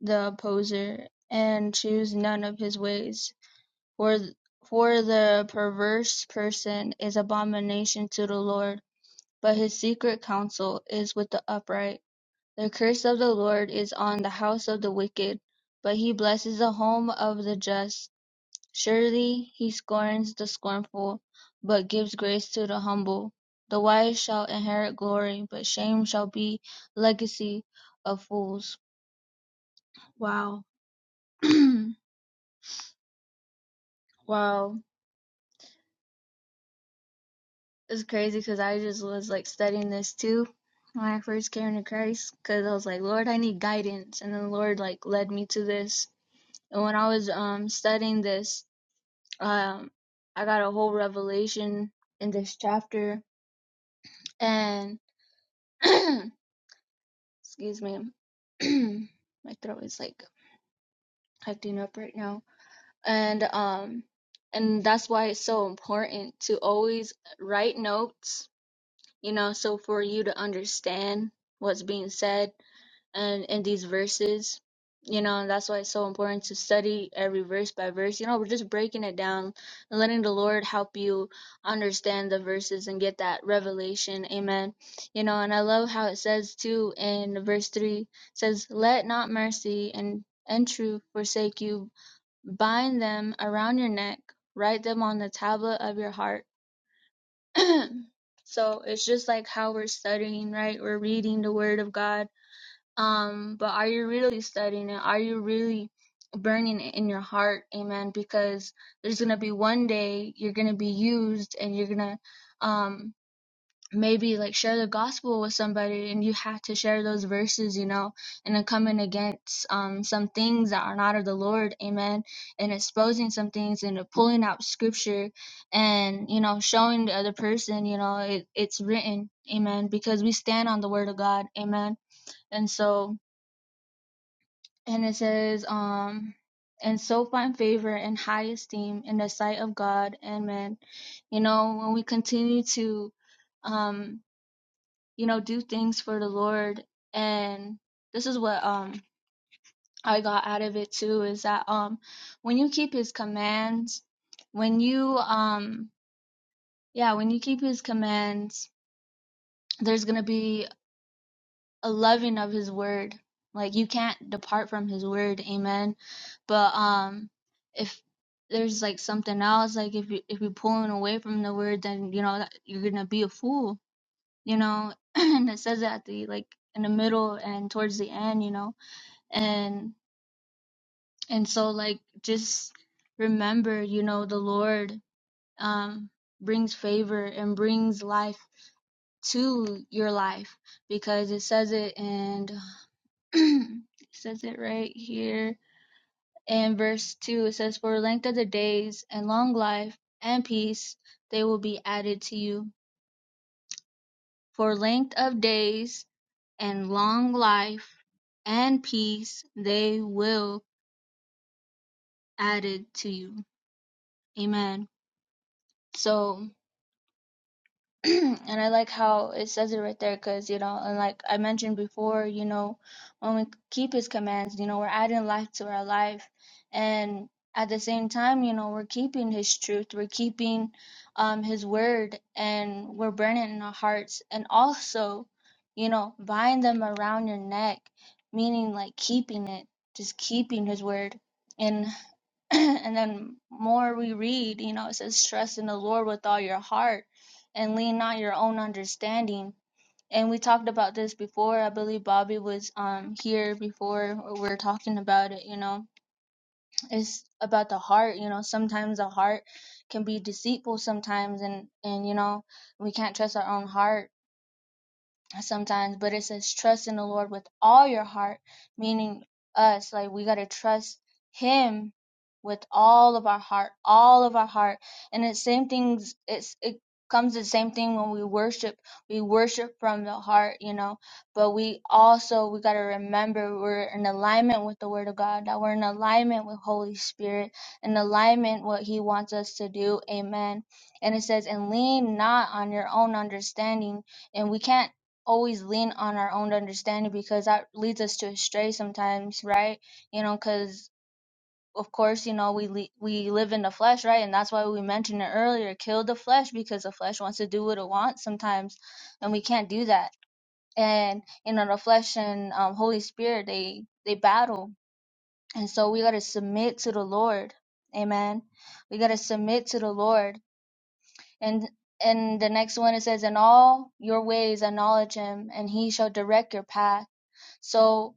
Speaker 2: the opposer, and choose none of his ways. For for the perverse person is abomination to the Lord, but his secret counsel is with the upright. The curse of the Lord is on the house of the wicked, but he blesses the home of the just. Surely he scorns the scornful, but gives grace to the humble. The wise shall inherit glory, but shame shall be legacy of fools. Wow. wow. It's crazy because I just was like studying this too when I first came to Christ because I was like, Lord, I need guidance. And the Lord like led me to this. And when I was um studying this, Um, I got a whole revelation in this chapter, and excuse me, my throat is like acting up right now, and um, and that's why it's so important to always write notes, you know, so for you to understand what's being said and in these verses you know and that's why it's so important to study every verse by verse you know we're just breaking it down and letting the lord help you understand the verses and get that revelation amen you know and i love how it says too in verse 3 it says let not mercy and and truth forsake you bind them around your neck write them on the tablet of your heart so it's just like how we're studying right we're reading the word of god um, but are you really studying it? Are you really burning it in your heart? Amen. Because there's gonna be one day you're gonna be used and you're gonna um maybe like share the gospel with somebody and you have to share those verses, you know, and then coming against um some things that are not of the Lord, amen, and exposing some things and pulling out scripture and you know showing the other person, you know, it, it's written, amen, because we stand on the word of God, amen. And so and it says, um, and so find favor and high esteem in the sight of God and man." You know, when we continue to, um, you know, do things for the Lord, and this is what um I got out of it too is that um when you keep His commands, when you um yeah when you keep His commands, there's gonna be a loving of his word. Like you can't depart from his word, amen. But um if there's like something else, like if you if you're pulling away from the word, then you know you're gonna be a fool, you know. and it says that at the like in the middle and towards the end, you know. And and so like just remember, you know, the Lord um brings favor and brings life to your life because it says it in It says it right here in verse 2 it says for length of the days and long life and peace they will be added to you for length of days and long life and peace they will added to you amen so and I like how it says it right there because, you know, and like I mentioned before, you know, when we keep his commands, you know, we're adding life to our life. And at the same time, you know, we're keeping his truth, we're keeping um, his word, and we're burning in our hearts. And also, you know, bind them around your neck, meaning like keeping it, just keeping his word. and. and then more we read, you know, it says, trust in the Lord with all your heart and lean not your own understanding. And we talked about this before. I believe Bobby was um here before we were talking about it, you know. It's about the heart, you know. Sometimes the heart can be deceitful sometimes and and you know, we can't trust our own heart sometimes, but it says trust in the Lord with all your heart, meaning us. Like we gotta trust Him with all of our heart, all of our heart. And it's same things. It's it comes the same thing when we worship. We worship from the heart, you know. But we also we gotta remember we're in alignment with the Word of God. That we're in alignment with Holy Spirit, in alignment what He wants us to do. Amen. And it says, and lean not on your own understanding and we can't always lean on our own understanding because that leads us to astray sometimes, right? You know, because of course, you know, we le- we live in the flesh, right? And that's why we mentioned it earlier, kill the flesh because the flesh wants to do what it wants sometimes, and we can't do that. And you know, the flesh and um, Holy Spirit, they they battle, and so we got to submit to the Lord. Amen. We got to submit to the Lord. And and the next one it says, In all your ways acknowledge him, and he shall direct your path so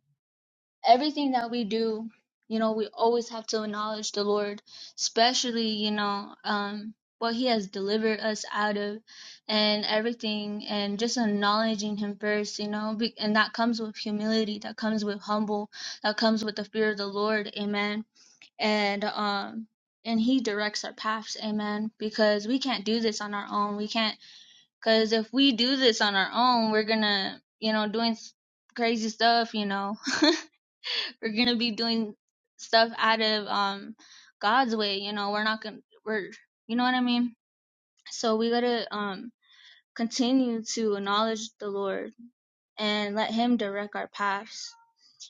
Speaker 2: everything that we do, you know, we always have to acknowledge the Lord, especially, you know, um what he has delivered us out of and everything and just acknowledging him first, you know, be, and that comes with humility, that comes with humble, that comes with the fear of the Lord, amen. And um and he directs our paths, amen, because we can't do this on our own. We can't cuz if we do this on our own, we're going to, you know, doing s- crazy stuff, you know, we're gonna be doing stuff out of um God's way, you know, we're not gonna we're you know what I mean? So we gotta um continue to acknowledge the Lord and let him direct our paths.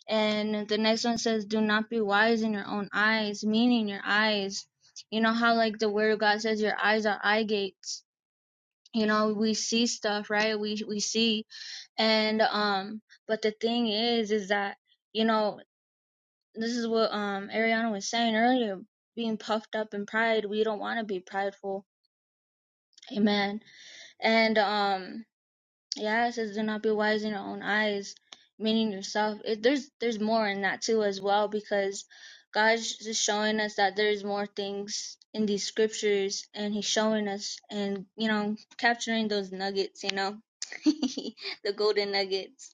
Speaker 2: And the next one says, Do not be wise in your own eyes, meaning your eyes. You know how like the word of God says your eyes are eye gates. You know, we see stuff, right? We we see and um but the thing is is that you know this is what um Ariana was saying earlier, being puffed up in pride. We don't want to be prideful. Amen. And um yeah, it says do not be wise in your own eyes, meaning yourself. It, there's there's more in that too as well because God's just showing us that there's more things in these scriptures and he's showing us and you know capturing those nuggets, you know. the golden nuggets.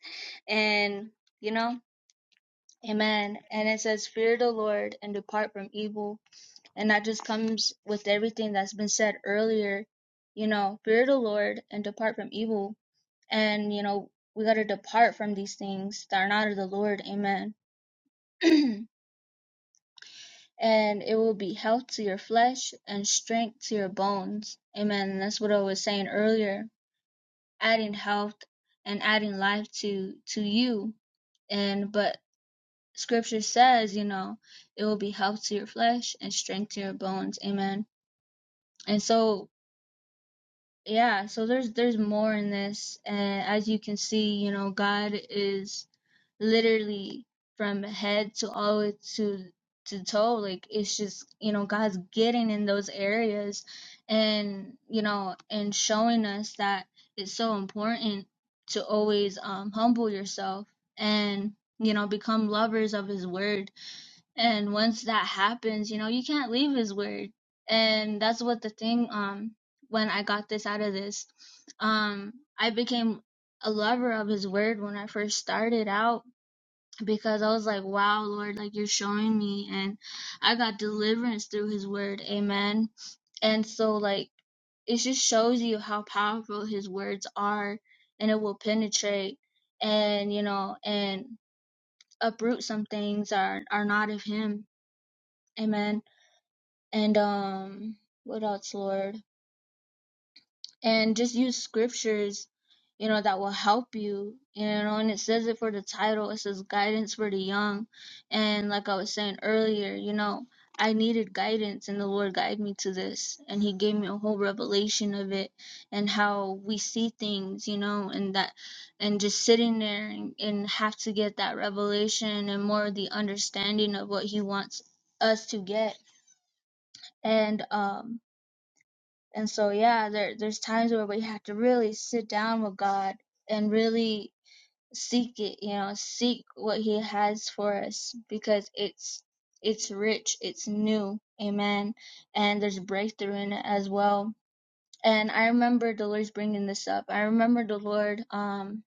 Speaker 2: And you know, Amen. And it says, Fear the Lord and depart from evil and that just comes with everything that's been said earlier. You know, fear the Lord and depart from evil. And, you know, we got to depart from these things that are not of the Lord. Amen. and it will be health to your flesh and strength to your bones. Amen. And that's what I was saying earlier. Adding health and adding life to to you. And but scripture says, you know, it will be health to your flesh and strength to your bones. Amen. And so yeah so there's there's more in this and as you can see you know god is literally from head to all the way to to toe like it's just you know god's getting in those areas and you know and showing us that it's so important to always um humble yourself and you know become lovers of his word and once that happens you know you can't leave his word and that's what the thing um when i got this out of this um i became a lover of his word when i first started out because i was like wow lord like you're showing me and i got deliverance through his word amen and so like it just shows you how powerful his words are and it will penetrate and you know and uproot some things that are are not of him amen and um what else lord and just use scriptures you know that will help you you know and it says it for the title it says guidance for the young and like i was saying earlier you know i needed guidance and the lord guided me to this and he gave me a whole revelation of it and how we see things you know and that and just sitting there and, and have to get that revelation and more of the understanding of what he wants us to get and um And so yeah, there there's times where we have to really sit down with God and really seek it, you know, seek what he has for us because it's it's rich, it's new. Amen. And there's breakthrough in it as well. And I remember the Lord's bringing this up. I remember the Lord um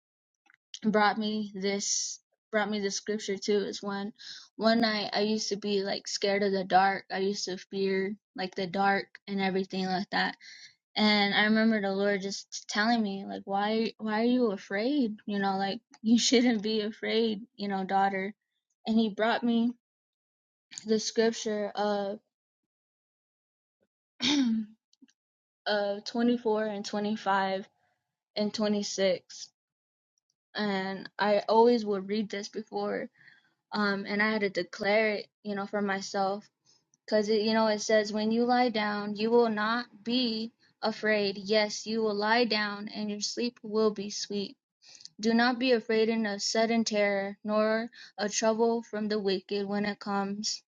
Speaker 2: brought me this brought me this scripture too is when one night I used to be like scared of the dark. I used to fear like the dark and everything like that and I remember the Lord just telling me, like, why, why are you afraid? You know, like, you shouldn't be afraid, you know, daughter. And He brought me the scripture of, of 24 and 25 and 26. And I always would read this before, um, and I had to declare it, you know, for myself. Because, you know, it says, when you lie down, you will not be afraid. Yes, you will lie down, and your sleep will be sweet. Do not be afraid in of sudden terror, nor of trouble from the wicked when it comes.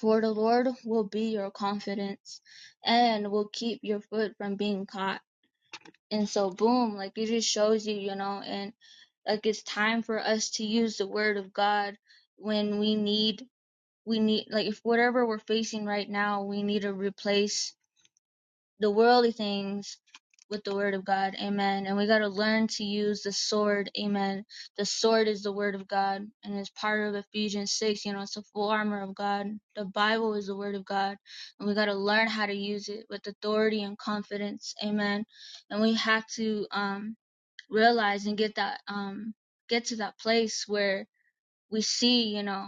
Speaker 2: For the Lord will be your confidence, and will keep your foot from being caught. And so, boom, like it just shows you, you know, and like it's time for us to use the word of God when we need, we need, like if whatever we're facing right now, we need to replace the worldly things with the word of God. Amen. And we got to learn to use the sword. Amen. The sword is the word of God and it's part of Ephesians 6. You know, it's the full armor of God. The Bible is the word of God. And we got to learn how to use it with authority and confidence. Amen. And we have to um, realize and get that, um, get to that place where we see, you know,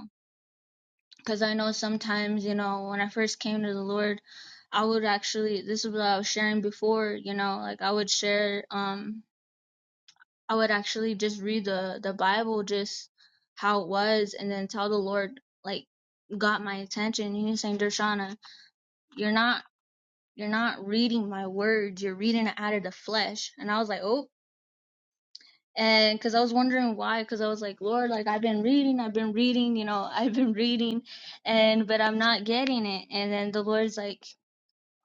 Speaker 2: because I know sometimes, you know, when I first came to the Lord, I would actually this is what I was sharing before, you know, like I would share um I would actually just read the the Bible just how it was and then tell the Lord like got my attention. He was saying, Dershana, you're not you're not reading my words, you're reading it out of the flesh. And I was like, Oh, and because I was wondering why, because I was like, Lord, like I've been reading, I've been reading, you know, I've been reading, and but I'm not getting it. And then the Lord's like,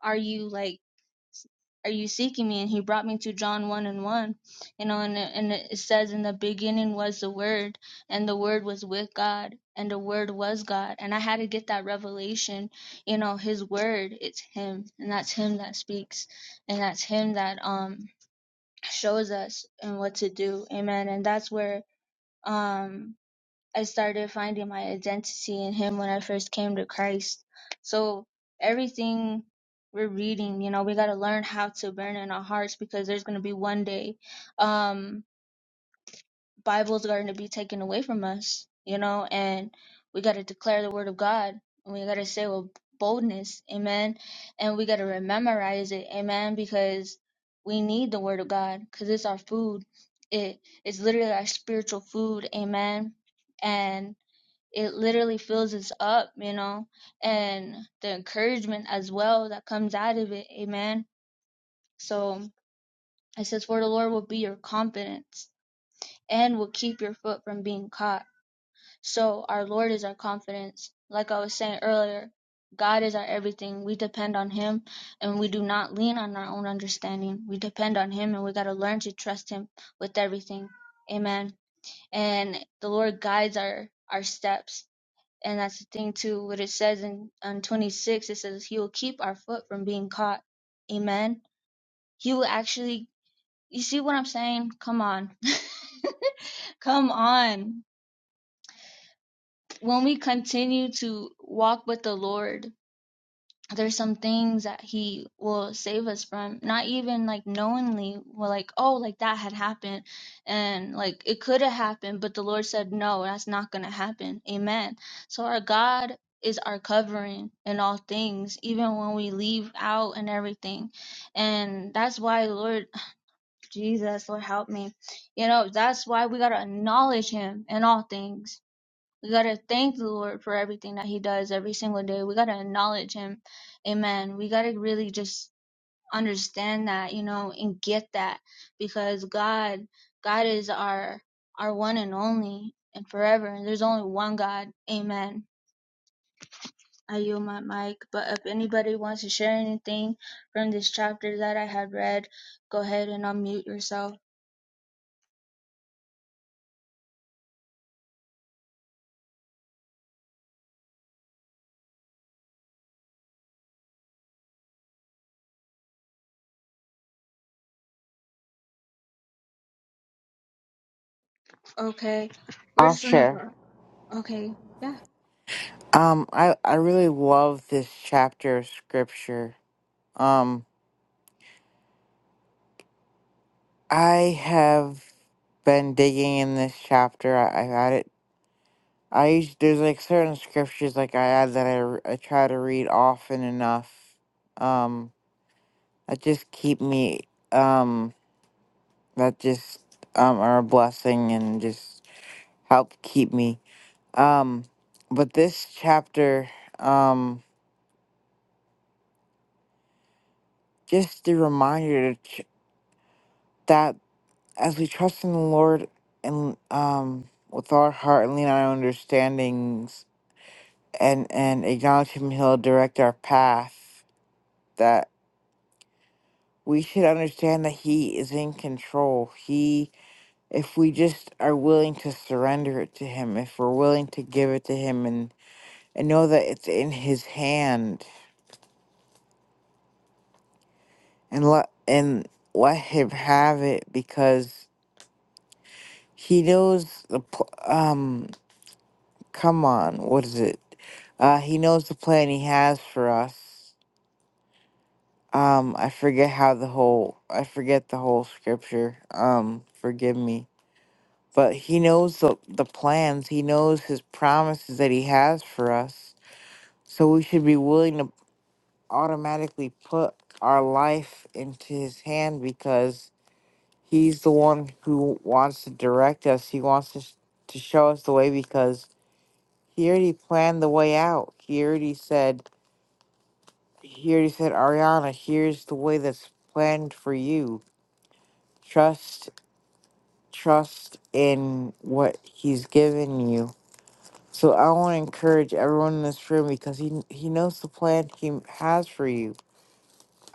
Speaker 2: Are you like, are you seeking me? And He brought me to John one and one, you know, and it- and it says, In the beginning was the Word, and the Word was with God, and the Word was God. And I had to get that revelation, you know, His Word, it's Him, and that's Him that speaks, and that's Him that um shows us and what to do. Amen. And that's where um I started finding my identity in him when I first came to Christ. So everything we're reading, you know, we gotta learn how to burn in our hearts because there's gonna be one day. Um Bibles are going to be taken away from us, you know, and we got to declare the word of God and we got to say with boldness, amen. And we got to memorize it, amen, because we need the word of God because it's our food. It is literally our spiritual food, amen. And it literally fills us up, you know, and the encouragement as well that comes out of it, amen. So it says, For the Lord will be your confidence and will keep your foot from being caught. So, our Lord is our confidence. Like I was saying earlier, God is our everything. We depend on Him and we do not lean on our own understanding. We depend on Him and we got to learn to trust Him with everything. Amen. And the Lord guides our, our steps. And that's the thing, too, what it says in, in 26 it says, He will keep our foot from being caught. Amen. He will actually, you see what I'm saying? Come on. Come on. when we continue to walk with the Lord, there's some things that He will save us from, not even like knowingly, we're like, oh, like that had happened and like it could have happened, but the Lord said, no, that's not going to happen. Amen. So our God is our covering in all things, even when we leave out and everything. And that's why, Lord Jesus, Lord, help me. You know, that's why we got to acknowledge Him in all things we got to thank the Lord for everything that He does every single day. We got to acknowledge Him. Amen. We got to really just understand that, you know, and get that because God, God is our, our one and only and forever. And there's only one God. Amen. I yield my mic. But if anybody wants to share anything from this chapter that I had read, go ahead and unmute yourself. Okay. We're
Speaker 3: I'll
Speaker 2: just going to
Speaker 3: share.
Speaker 2: go. Okay. Yeah.
Speaker 3: Um, I, I really love this chapter of scripture. Um, I have been digging in this chapter. I, I've had it. I used, there's like certain scriptures like I had that I, r- I try to read often enough. Um, that just keep me, um, that just, um, are a blessing and just help keep me. Um, but this chapter, um, just the reminder to ch- that as we trust in the Lord and um with all our heart and lean on our understandings and and acknowledge Him, He'll direct our path. That we should understand that He is in control. He, if we just are willing to surrender it to Him, if we're willing to give it to Him, and and know that it's in His hand and let and let him have it because he knows the pl- um. Come on, what is it? Uh, he knows the plan he has for us. Um, I forget how the whole I forget the whole scripture. Um, forgive me, but he knows the the plans. He knows his promises that he has for us. So we should be willing to automatically put our life into his hand because He's the one who wants to direct us. He wants to, sh- to show us the way because he already planned the way out. He already said, he already said, Ariana, here's the way that's planned for you. Trust, trust in what he's given you. So I want to encourage everyone in this room because he he knows the plan he has for you.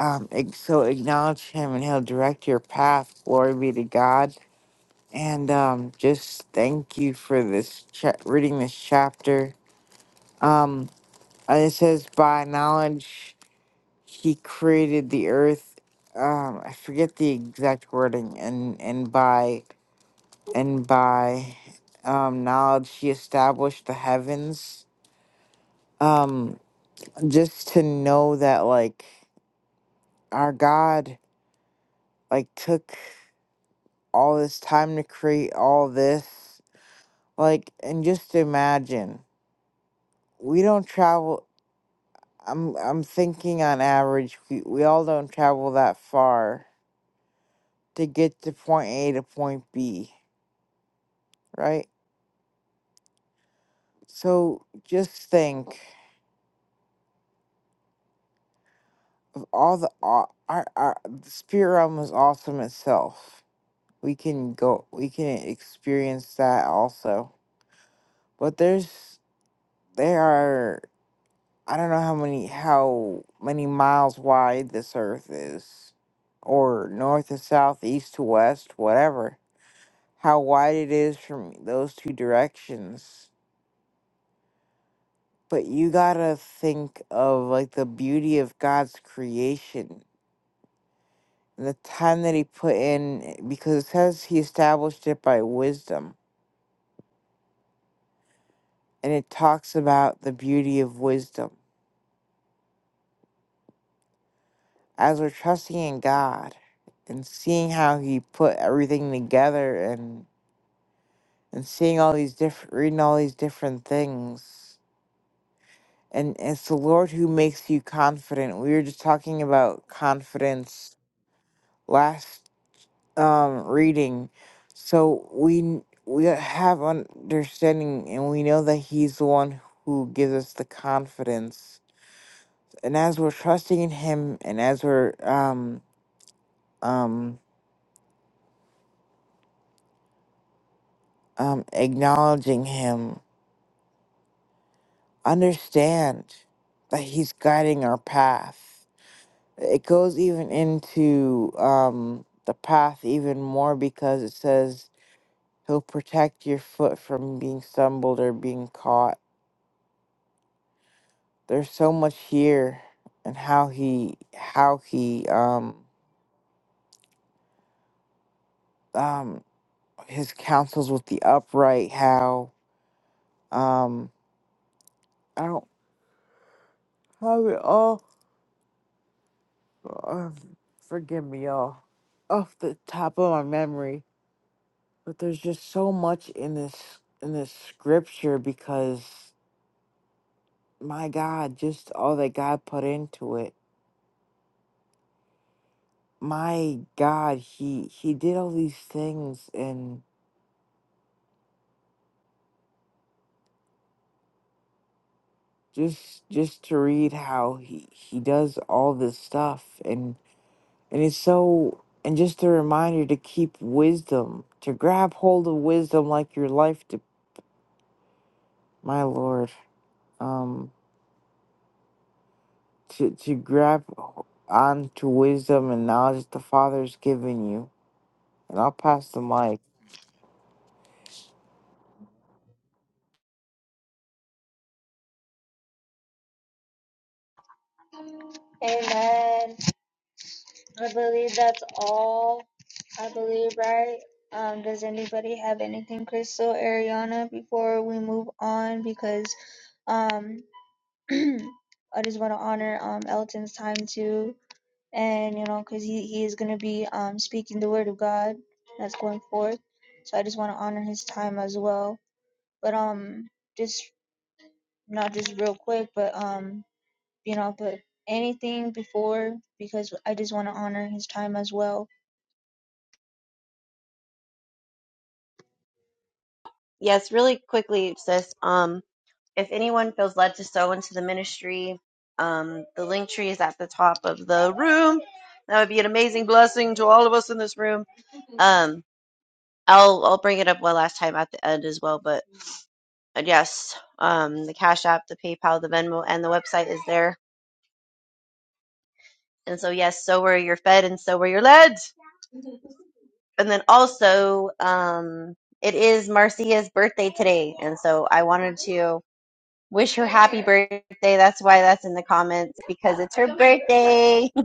Speaker 3: Um, ig- so acknowledge him and he'll direct your path. Glory be to God and um, just thank you for this cha- reading this chapter. Um, and it says, "By knowledge, he created the earth." Um, I forget the exact wording, and and by and by um, knowledge, he established the heavens. Um, just to know that, like our God, like took all this time to create all this, like, and just imagine we don't travel I'm I'm thinking on average we, we all don't travel that far to get to point A to point B, right? So just think of all the au- our, our the spirit realm is awesome itself. We can go we can experience that also. But there's there are I don't know how many how many miles wide this earth is or north to south, east to west, whatever how wide it is from those two directions. But you gotta think of like the beauty of God's creation and the time that He put in, because it says He established it by wisdom. And it talks about the beauty of wisdom. As we're trusting in God and seeing how He put everything together and, and seeing all these different, reading all these different things. And it's the Lord who makes you confident. We were just talking about confidence last um reading so we we have understanding and we know that he's the one who gives us the confidence and as we're trusting in him and as we're um um um acknowledging him understand that he's guiding our path it goes even into um the path even more because it says he'll protect your foot from being stumbled or being caught there's so much here and how he how he um um his counsels with the upright how um i don't have it all uh, forgive me y'all off the top of my memory but there's just so much in this in this scripture because my god just all that god put into it my god he he did all these things and. just just to read how he he does all this stuff and and it's so and just a reminder to keep wisdom to grab hold of wisdom like your life to my lord um to to grab on to wisdom and knowledge the father's given you and i'll pass the mic
Speaker 2: Amen. I believe that's all. I believe, right? Um, does anybody have anything, Crystal, Ariana, before we move on? Because um, I just want to honor um Elton's time too, and you know, because he he is gonna be um speaking the word of God that's going forth. So I just want to honor his time as well. But um, just not just real quick, but um, you know, but anything before because I just want to honor his time as well
Speaker 4: Yes, really quickly, sis. Um, if anyone feels led to sow into the ministry, um, the link tree is at the top of the room. That would be an amazing blessing to all of us in this room. Um, I'll I'll bring it up one last time at the end as well. But uh, yes, um, the Cash App, the PayPal, the Venmo, and the website is there. And so yes, so where you're fed and so where you're led. And then also, um, it is Marcia's birthday today, and so I wanted to. wish her happy birthday. That's why that's in the comments because it's her birthday.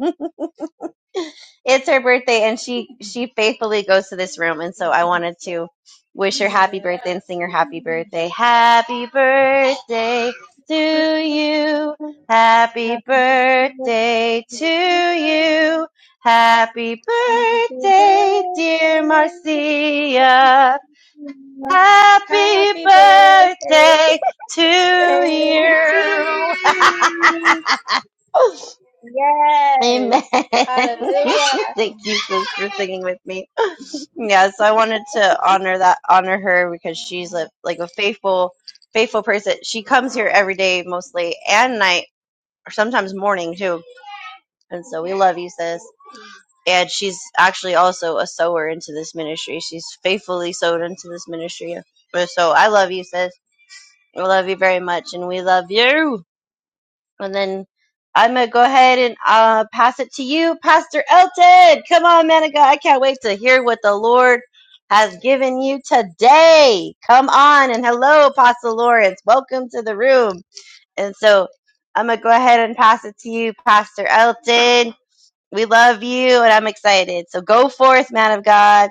Speaker 4: It's her birthday, and she she faithfully goes to this room, and so I wanted to wish her happy birthday and sing her happy birthday. Happy birthday
Speaker 2: Happy
Speaker 4: to you.
Speaker 2: birthday
Speaker 4: Happy
Speaker 2: to
Speaker 4: birthday to
Speaker 2: you.
Speaker 4: you. Happy
Speaker 2: Happy
Speaker 4: birthday,
Speaker 2: birthday.
Speaker 4: dear Marcia. Happy
Speaker 2: Happy birthday
Speaker 4: birthday to
Speaker 2: to
Speaker 4: you.
Speaker 2: you.
Speaker 4: Amen.
Speaker 2: Yes. Hallelujah.
Speaker 4: Thank you for, singing with me. Yes, I wanted to honor that, honor her because she's a, like a faithful, faithful person. She comes here every day, mostly and night, or sometimes morning too. And so we love you, sis. And she's actually also a sower into this ministry. She's faithfully sowed into this ministry. So I love you, sis We love you very much and we love you. And then I'm going to go ahead and uh, pass it to you, Pastor Elton. Come on, man of God. I can't wait to hear what the Lord has given you today. Come on. And hello, Apostle Lawrence. Welcome to the room. And so I'm going to go ahead and pass it to you, Pastor Elton. We love you and I'm excited. So go forth, man of God.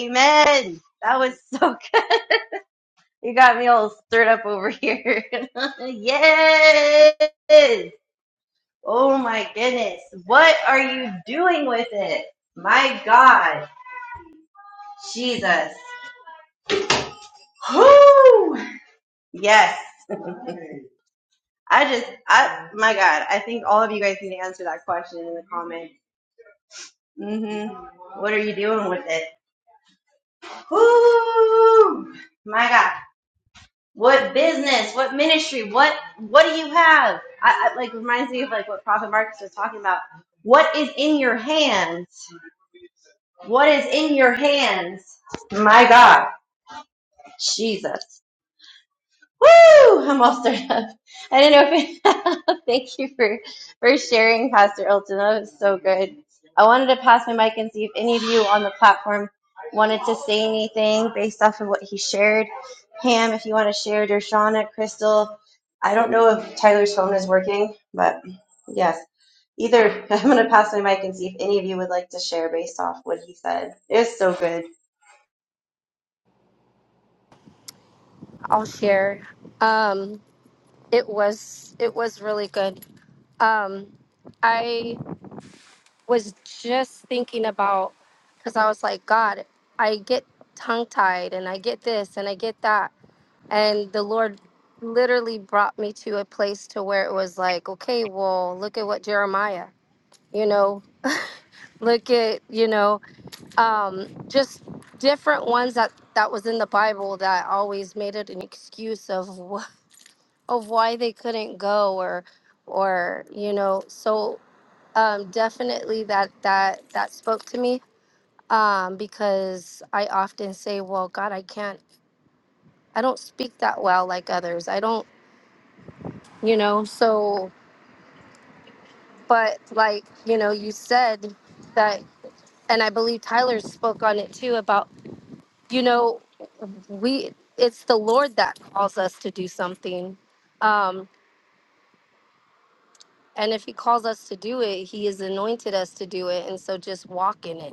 Speaker 4: Amen. That was so You got me all stirred up over here. yes! Oh my goodness. What are you doing with it? My God. Jesus. Whoo! Yes. I just, I, my God, I think all of you guys need to answer that question in the comments. hmm What are you doing with it? Whoo! My God. What business? What ministry? What what do you have? I, I like reminds me of like what Prophet Marcus was talking about. What is in your hands? What is in your hands? My God, Jesus. Woo! I'm all stirred up. I didn't know if it, thank you for for sharing, Pastor Elton. That was so good. I wanted to pass my mic and see if any of you on the platform wanted to say anything based off of what he shared. Pam, if you want to share, Dershana, Crystal. I don't know if Tyler's phone is working, but yes. Either I'm gonna pass my mic and see if any of you would like to share based off what he said. It was so good.
Speaker 1: I'll share. Um, it was it was really good. Um, I was just thinking about because I was like, God, I get tongue tied and I get this and I get that. And the Lord literally brought me to a place to where it was like, okay, well, look at what Jeremiah, you know, look at, you know, um, just different ones that that was in the Bible that always made it an excuse of wh- of why they couldn't go or or you know so um, definitely that that that spoke to me um, because I often say, "Well, God, I can't. I don't speak that well like others. I don't, you know." So, but like you know, you said that, and I believe Tyler spoke on it too about you know we it's the Lord that calls us to do something. Um, and if he calls us to do it, he has anointed us to do it. And so just walk in it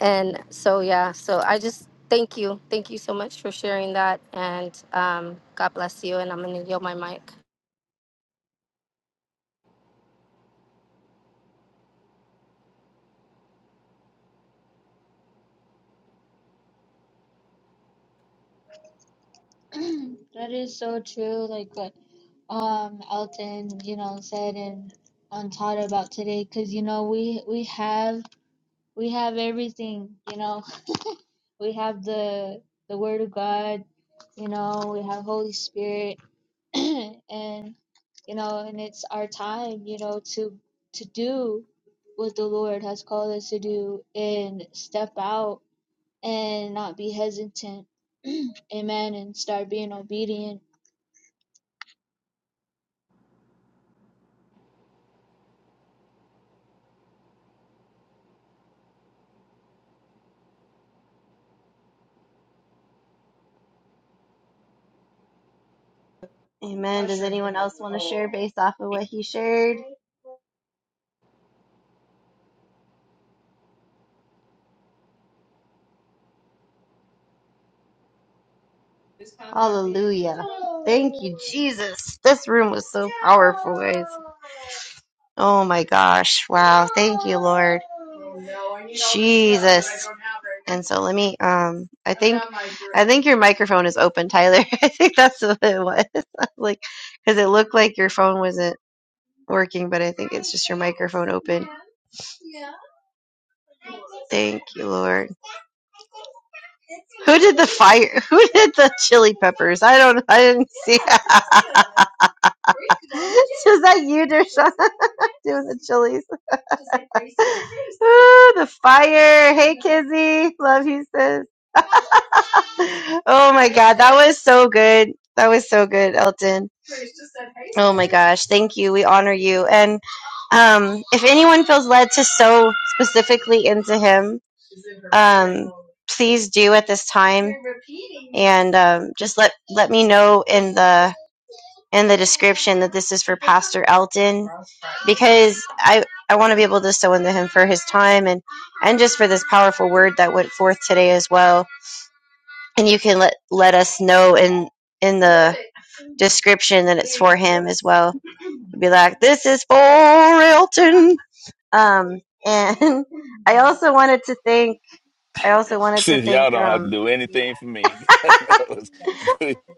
Speaker 1: And so, yeah, so I just thank you. Thank you so much for sharing that. And um, God bless you. And I'm going to yield my mic.
Speaker 2: that is so true. Like what um Elton, you know, said and on taught about today, because you know we we have we have everything, you know. we have the the word of god you know we have holy spirit and you know and it's our time you know to to do what the lord has called us to do and step out and not be hesitant amen and start being obedient
Speaker 4: Amen. Does anyone else want to share based off of what he shared? Hallelujah. Thank you, Jesus. This room was so powerful, guys. Oh my gosh. Wow. Thank you, Lord. Jesus. And so let me um I think I think your microphone is open, Tyler. I think that's what it was. I was like cuz it looked like your phone wasn't working, but I think it's just your microphone open. Thank you, Lord. Who did the fire? Who did the chili peppers? I don't I didn't see. Is that you, Dershawn, doing the chilies? Ah, the fire. Hey, Kizzy. Love you, sis. Oh my God, that was so good. That was so good, Elton. Oh my gosh, thank you. We honor you. And um, if anyone feels led to sow specifically into him, um, please do at this time. And um, just let let me know in the in the description that this is for Pastor Elton because I, I want to be able to sow into him for his time and, and just for this powerful word that went forth today as well. And you can let, let us know in, in the description that it's for him as well. Be like, this is for Elton. Um, and I also wanted to thank, I also wanted to thank, um,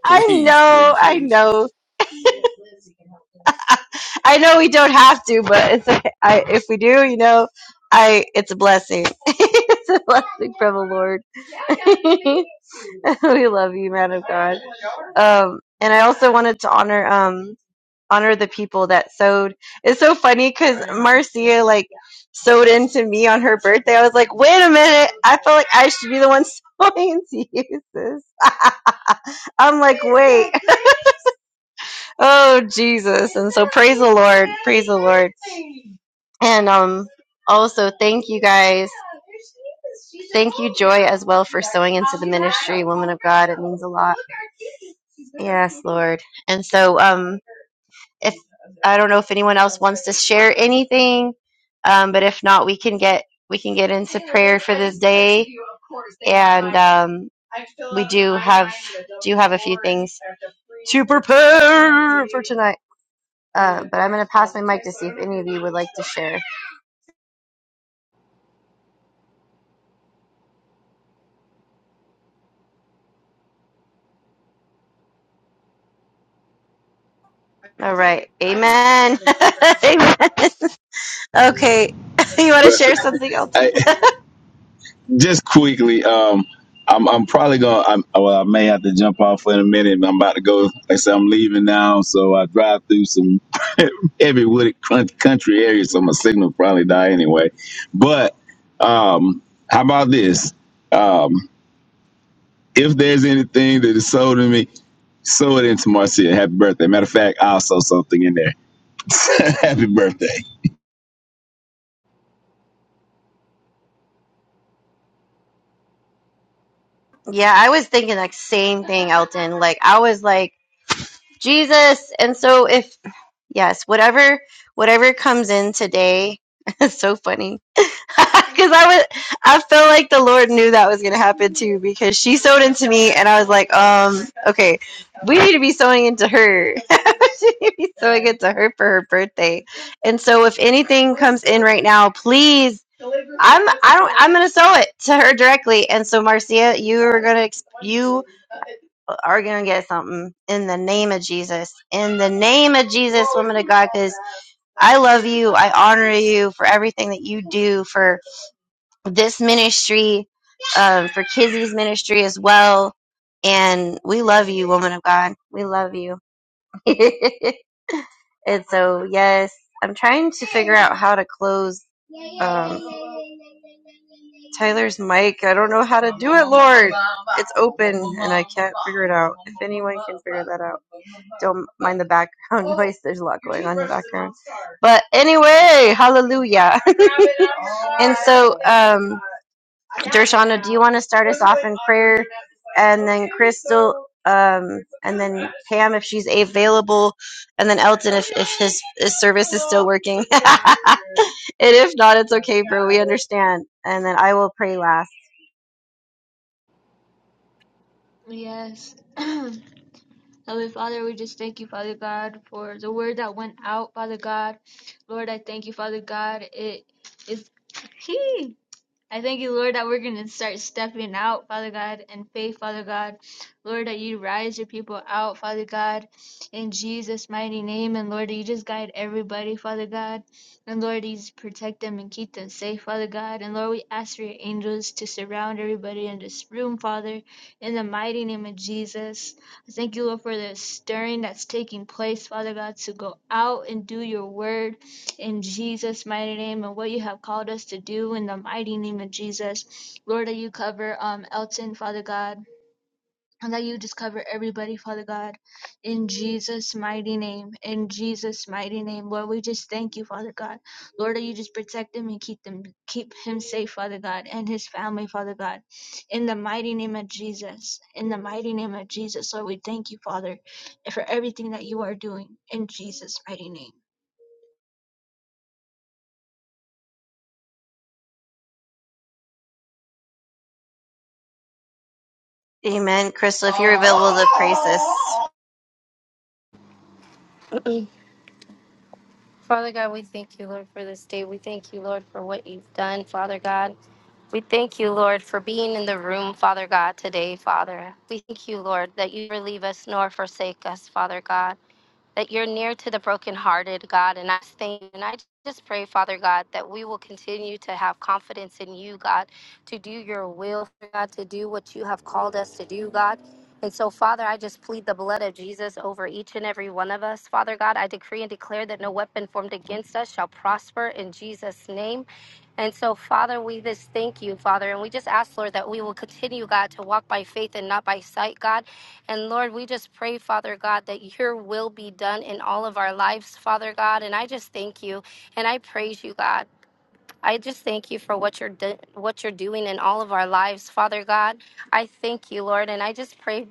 Speaker 4: I know, I know I know we don't have to, but it's a, I, if we do, you know, I it's a blessing. it's a blessing from the Lord. we love you, man of God. Um, and I also wanted to honor um honor the people that sewed. It's so funny because Marcia like sewed into me on her birthday. I was like, wait a minute, I felt like I should be the one sewing to you, sis. I'm like, wait. Oh Jesus! And so praise the Lord, praise the Lord. And um, also thank you guys. Thank you, Joy, as well for sewing into the ministry, woman of God. It means a lot. Yes, Lord. And so, um, if I don't know if anyone else wants to share anything, um, but if not, we can get we can get into prayer for this day. And um, we do have do have a few things to prepare for tonight. Uh, but I'm going to pass my mic to see if any of you would like to share. All right. Amen. Amen. Okay. You want to
Speaker 5: Bless it.
Speaker 4: share something,
Speaker 5: I,
Speaker 4: Elton?
Speaker 5: just quickly, um, I'm I'm probably gonna. I'm, well, I may have to jump off in a minute. but I'm about to go. Like I said, I'm leaving now, so I drive through some heavy wooded crun- country areas, so my signal probably die anyway. But um, how about this? Um, if there's anything that is sold in me, sow it into Marcia. Happy birthday. Matter of fact, I'll sow something in there. Happy birthday.
Speaker 4: yeah, I was thinking like same thing, Elton. Like I was like Jesus, and so if yes, whatever whatever comes in today, it's so funny Because I was, I felt like the Lord knew that was going to happen too. Because she sewed into me, and I was like, um, okay, we need to be sewing into her. she need to be sewing into her for her birthday. And so, if anything comes in right now, please, I'm, I don't, I'm going to sew it to her directly. And so, Marcia, you are going to, ex you are going to get something in the name of Jesus. In the name of Jesus, woman of God, because I love you. I honor you for everything that you do for this ministry, um, for Kizzy's ministry as well. And we love you, woman of God. We love you. and so, yes, I'm trying to figure out how to close um, Tyler's mic. I don't know how to do it, Lord. It's open and I can't figure it out. If anyone can figure that out, don't mind the background noise. There's a lot going on in the background. But anyway, hallelujah. and so, um, Dershana, do you want to start us off in prayer? And then Crystal, um, and then Pam, if she's available, and then Elton, if, if his, his service is still working. and if not, it's okay, bro. We understand. And then I will pray last.
Speaker 2: yes Heavenly Father, we just thank you, Father God, for the word that went out, Father God. Lord, I thank you, Father God. It is He. I thank you, Lord, that we're going to start stepping out, Father God, in faith, Father God. Lord, that you rise your people out, Father God, in Jesus' mighty name. And Lord, that you just guide everybody, Father God. And Lord, you just protect them and keep them safe, Father God. And Lord, we ask for your angels to surround everybody in this room, Father, in the mighty name of Jesus. I thank you, Lord, for the stirring that's taking place, Father God, to go out and do your word in Jesus' mighty name and what you have called us to do in the mighty name of Jesus. Lord, that you cover um Elton, Father God, and that you just cover everybody, Father God, in Jesus' mighty name. In Jesus' mighty name, Lord, we just thank you, Father God. Lord, that you just protect him and keep them, keep him safe, Father God, and his family, Father God, in the mighty name of Jesus. In the mighty name of Jesus, Lord, we thank you, Father, for everything that you are doing in Jesus' mighty name.
Speaker 4: Amen. Crystal, if you're available to pray, sis.
Speaker 1: Father God, we thank you, Lord, for this day. We thank you, Lord, for what you've done, Father God. We thank you, Lord, for being in the room, Father God, today, Father. We thank you, Lord, that you never leave us nor forsake us, Father God. that you're near to the brokenhearted, God. And I thank you. and I just pray, Father God, that we will continue to have confidence in you, God, to do your will, God, to do what you have called us to do, God. And so, Father, I just plead the blood of Jesus over each and every one of us. Father God, I decree and declare that no weapon formed against us shall prosper in Jesus' name. And so, Father, we just thank you, Father, and we just ask, Lord, that we will continue, God, to walk by faith and not by sight, God and Lord, we just pray, Father God, that your will be done in all of our lives, Father God. And I just thank you and I praise you, God. I just thank you for what you're do- what you're doing in all of our lives, Father God. I thank you, Lord, and I just pray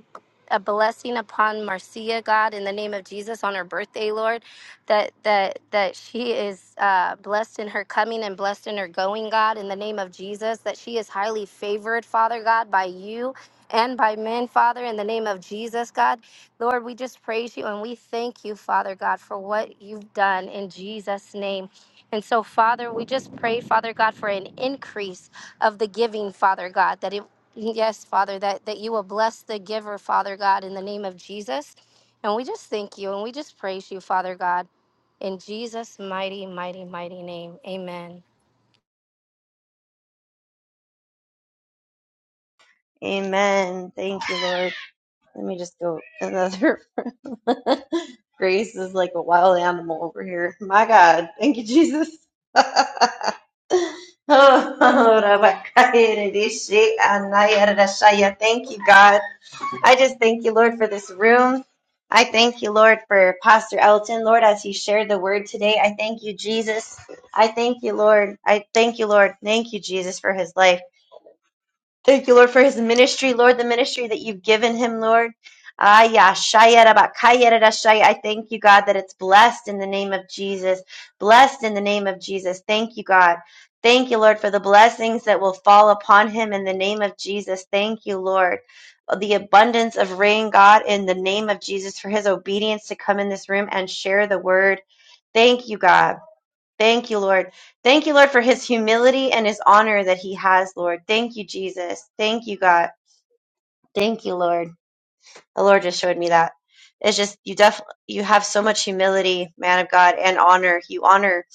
Speaker 1: a blessing upon Marcia, God, in the name of Jesus, on her birthday, Lord, that that that she is uh, blessed in her coming and blessed in her going, God, in the name of Jesus, that she is highly favored, Father God, by you. And by men, Father, in the name of Jesus, God. Lord, we just praise you and we thank you, Father God, for what you've done in Jesus' name. And so, Father, we just pray, Father God, for an increase of the giving, Father God, that it, yes, Father, that, that you will bless the giver, Father God, in the name of Jesus. And we just thank you and we just praise you, Father God, in Jesus' mighty, mighty, mighty name. Amen.
Speaker 4: Amen. Thank you, Lord. Let me just go another Grace is like a wild animal over here. My God. Thank you, Jesus. Oh, Rabakayaradishi, Anayarashaya. Thank you, God. I just thank you, Lord, for this room. I thank you, Lord, for Pastor Elton, Lord, as he shared the word today. I thank you, Jesus. I thank you, Lord. I thank you, Lord. Thank you, Jesus, for his life. Thank you, Lord, for his ministry, Lord, the ministry that you've given him, Lord. Ah, yeah, shaya da ba, kaya da shaya. I thank you, God, that it's blessed in the name of Jesus. Blessed in the name of Jesus. Thank you, God. Thank you, Lord, for the blessings that will fall upon him in the name of Jesus. Thank you, Lord. The abundance of rain, God, in the name of Jesus, for his obedience to come in this room and share the word. Thank you, God. Thank you, Lord. Thank you, Lord, for his humility and his honor that he has, Lord. Thank you, Jesus. Thank you, God. Thank you, Lord. The Lord just showed me that. It's just you def you have so much humility, man of God, and honor. You honor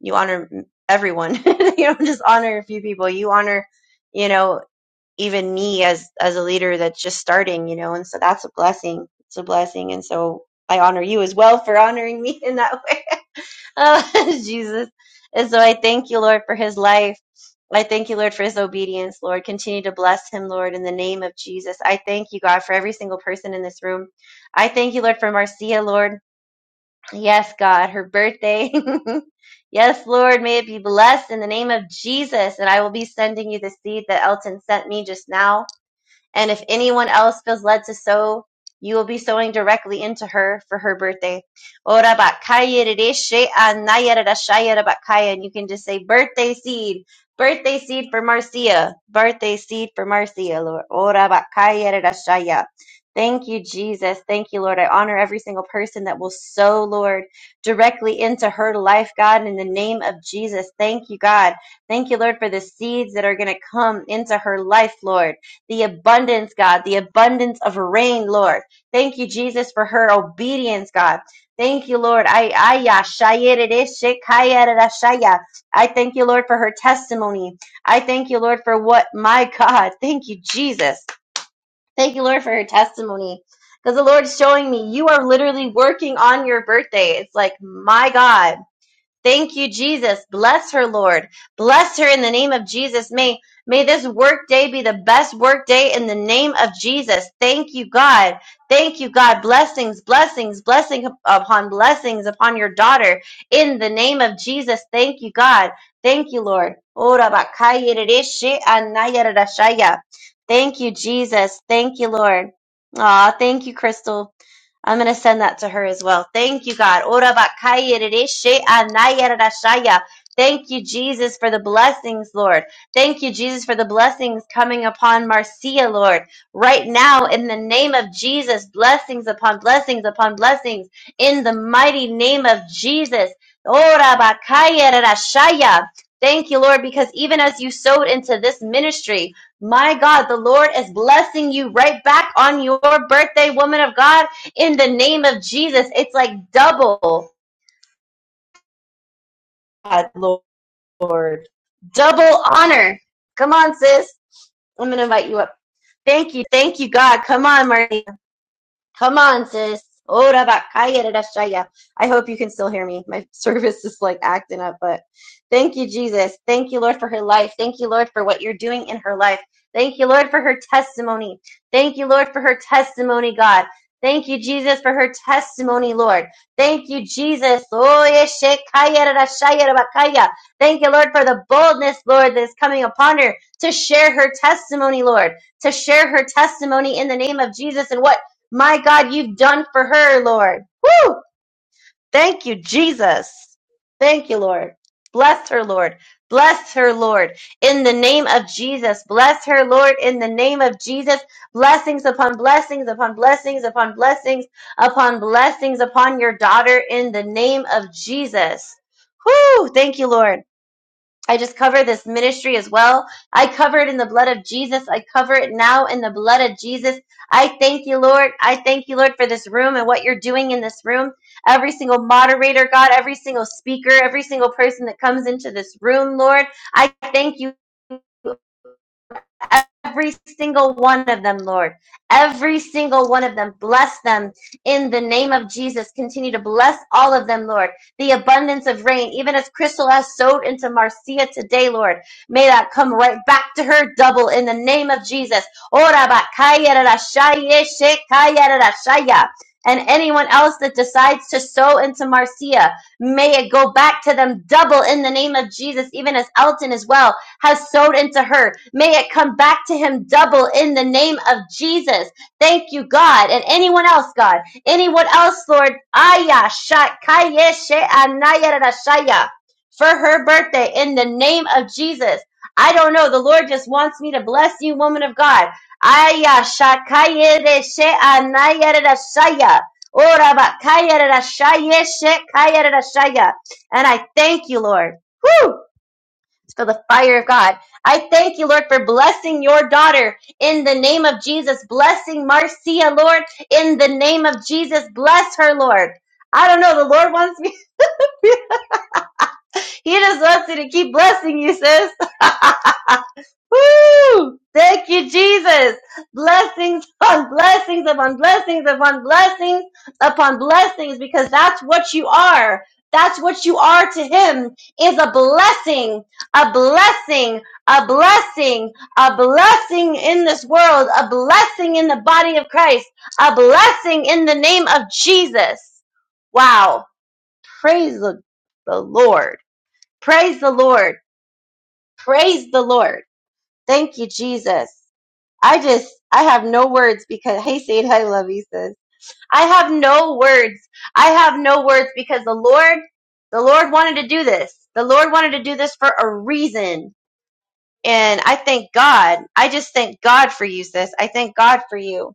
Speaker 4: you honor everyone. you don't just honor a few people. You honor, you know, even me as as a leader that's just starting, you know, and so that's a blessing. It's a blessing. And so I honor you as well for honoring me in that Oh, Jesus. And so I thank you, Lord, for his life. I thank you, Lord, for his obedience, Lord. Continue to bless him, Lord, in the name of Jesus. I thank you, God, for every single person in this room. I thank you, Lord, for Marcia, Lord. Yes, God, her birthday. yes, Lord, may it be blessed in the name of Jesus. And I will be sending you the seed that Elton sent me just now. And if anyone else feels led to sow, you will be sowing directly into her for her birthday. Ora bakaya rereshe anaya rerashaya rabakaya. And you can just say birthday seed, birthday seed for Marcia, birthday seed for Marcia, Lord. Ora bakaya rerashaya. Thank you, Jesus. Thank you, Lord. I honor every single person that will sow, Lord, directly into her life, God, in the name of Jesus. Thank you, God. Thank you, Lord, for the seeds that are going to come into her life, Lord the abundance, God, the abundance of rain, Lord. Thank you, Jesus, for her obedience, God. Thank you, Lord. I I, aya, shayerere, shekayerere, shaya. I thank you, Lord, for her testimony. I thank you, Lord, for what my God. Thank you, Jesus. Thank you, Lord, for her testimony. Because the Lord's showing me you are literally working on your birthday. It's like, my God. Thank you, Jesus. Bless her, Lord. Bless her in the name of Jesus. May, may this work day be the best work day in the name of Jesus. Thank you, God. Thank you, God. Blessings, blessings, blessing upon blessings upon your daughter in the name of Jesus. Thank you, God. Thank you, Lord. Ora bakaya rereshe anaya Thank you, Jesus. Thank you, Lord. Aw, thank you, Crystal. I'm going to send that to her as well. Thank you, God. Ora bakaya rereshe anaya rarashaya. Thank you, Jesus, for the blessings, Lord. Thank you, Jesus, for the blessings coming upon Marcia, Lord. Right now, in the name of Jesus, blessings upon blessings upon blessings, in the mighty name of Jesus. Ora bakaya rarashaya. Thank you, Lord, because even as you sowed into this ministry, my God, the Lord is blessing you right back on your birthday, woman of God in the name of Jesus. It's like double, uh, double honor. Come on, sis. I'm going to invite you up. Thank you. Thank you, God. Come on, Marlene. Come on, sis. Ora bakaya rarashaya. I hope you can still hear me. My service is like acting up, but thank you, Jesus. Thank you, Lord, for her life. Thank you, Lord, for what you're doing in her life. Thank you, Lord, for her testimony. Thank you, Lord, for her testimony, God. Thank you, Jesus, for her testimony, Lord. Thank you, Jesus. Oye shekaya rarashaya Thank you, Lord, for the boldness, Lord, that is coming upon her to share her testimony, Lord to share her testimony in the name of Jesus and what my God, you've done for her, Lord. Woo! Thank you, Jesus. Thank you, Lord. Bless her, Lord. Bless her, Lord, in the name of Jesus. Bless her, Lord, in the name of Jesus. Blessings upon blessings upon blessings upon blessings upon blessings upon your daughter in the name of Jesus. Whoo! Thank you, Lord. I just cover this ministry as well. I cover it in the blood of Jesus. I cover it now in the blood of Jesus. I thank you, Lord. I thank you, Lord, for this room and what you're doing in this room. Every single moderator, God, every single speaker, every single person that comes into this room, Lord, I thank you every single one of them, Lord. Every single one of them. Bless them in the name of Jesus. Continue to bless all of them, Lord. The abundance of rain, even as Crystal has sowed into Marcia today, Lord. May that come right back to her double in the name of Jesus. And anyone else that decides to sow into Marcia, may it go back to them double in the name of Jesus, even as Elton as well has sowed into her. May it come back to him double in the name of Jesus. Thank you, God. And anyone else, God, anyone else, Lord, Aya Shakaya She Anaya Rashaya, for her birthday in the name of Jesus. I don't know. The Lord just wants me to bless you, woman of God. Aya Shakaya She Anaya Rashaya. Ora Bakaya Rashaya She Kaya Rashaya. And I thank you, Lord. Woo! for the fire of God. I thank you, Lord, for blessing your daughter in the name of Jesus. Blessing Marcia, Lord, in the name of Jesus. Bless her, Lord. I don't know. The Lord wants me. He just wants me to keep blessing you, sis. Woo! Thank you, Jesus. Blessings upon blessings upon blessings upon blessings upon blessings because that's what you are. That's what you are to him is a blessing, a blessing, a blessing, a blessing in this world, a blessing in the body of Christ, a blessing in the name of Jesus. Wow. Praise the, the Lord. Praise the Lord. Praise the Lord. Thank you, Jesus. I just, I have no words because, hey, Sade, I love you, sis. I have no words. I have no words because the Lord, the Lord wanted to do this. The Lord wanted to do this for a reason. And I thank God. I just thank God for you, sis. I thank God for you.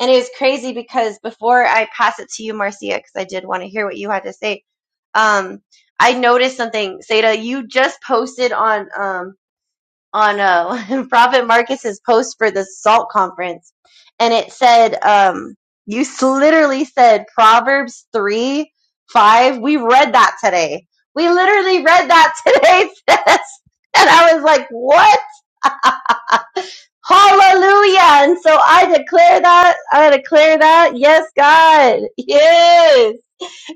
Speaker 4: And it was crazy because before I pass it to you, Marcia, because I did want to hear what you had to say, um, I noticed something. Seda, you just posted on, um, on uh, Prophet Marcus's post for the SALT conference, and it said, um, you s- literally said Proverbs 3 5. We read that today. We literally read that today, sis. And I was like, what? Hallelujah. And so I declare that. I declare that. Yes, God. Yes.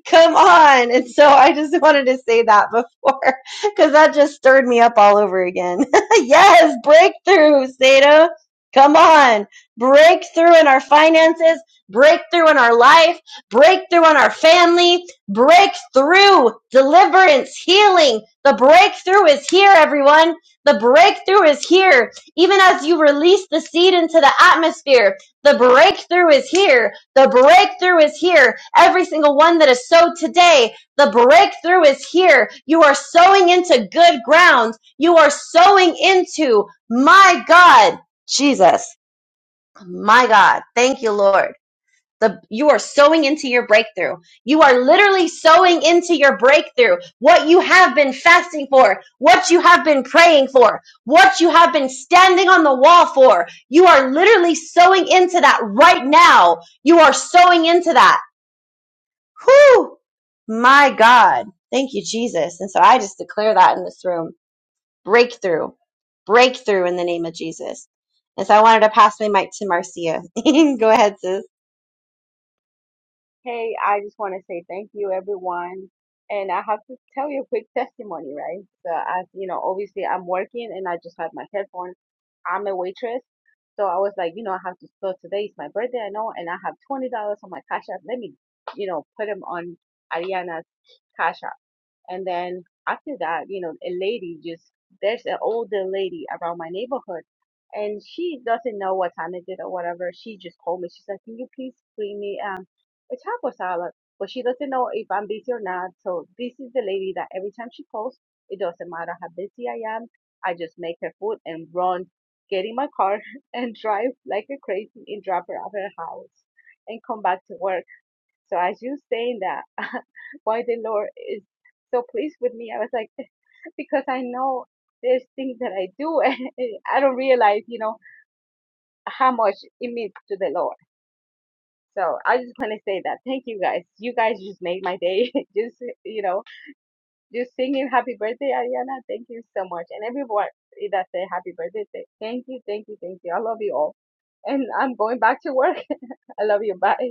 Speaker 4: Come on. And so I just wanted to say that before because that just stirred me up all over again. yes, breakthrough, Sato. Come on. Breakthrough in our finances, breakthrough in our life, breakthrough in our family, breakthrough, deliverance, healing. The breakthrough is here, everyone. The breakthrough is here. Even as you release the seed into the atmosphere, the breakthrough is here the breakthrough is here. Every single one that is sowed today, the breakthrough is here. You are sowing into good ground. You are sowing into my God, Jesus, my God. Thank you, Lord. The, you are sowing into your breakthrough. You are literally sowing into your breakthrough. What you have been fasting for, what you have been praying for, what you have been standing on the wall for. You are literally sowing into that right now. You are sowing into that. Whew! My God. Thank you, Jesus. And so I just declare that in this room. Breakthrough. Breakthrough in the name of Jesus. And so I wanted to pass my mic to Marcia. Go ahead, sis.
Speaker 6: Hey, I just want to say thank you, everyone. And I have to tell you a quick testimony, right? So I, you know, obviously I'm working and I just had my headphones. I'm a waitress. So I was like, you know, I have to, so today is my birthday, I know, and I have $20 on my Cash App. Let me, you know, put them on Ariana's Cash App. And then after that, you know, a lady just, there's an older lady around my neighborhood and she doesn't know what time it is or whatever. She just called me. She like, can you please bring me um, a taco salad? But she doesn't know if I'm busy or not. So this is the lady that every time she calls, it doesn't matter how busy I am. I just make her food and run, get in my car and drive like a crazy and drop her at her house and come back to work so as you saying that, why the Lord is so pleased with me, I was like, because I know there's things that I do and I don't realize, you know, how much it means to the Lord. So I just want to say that. Thank you guys. You guys just made my day. just, you know, just singing happy birthday, Ariana. Thank you so much. And everyone that say happy birthday, say, thank you, thank you, thank you. I love you all. And I'm going back to work. I love you. Bye.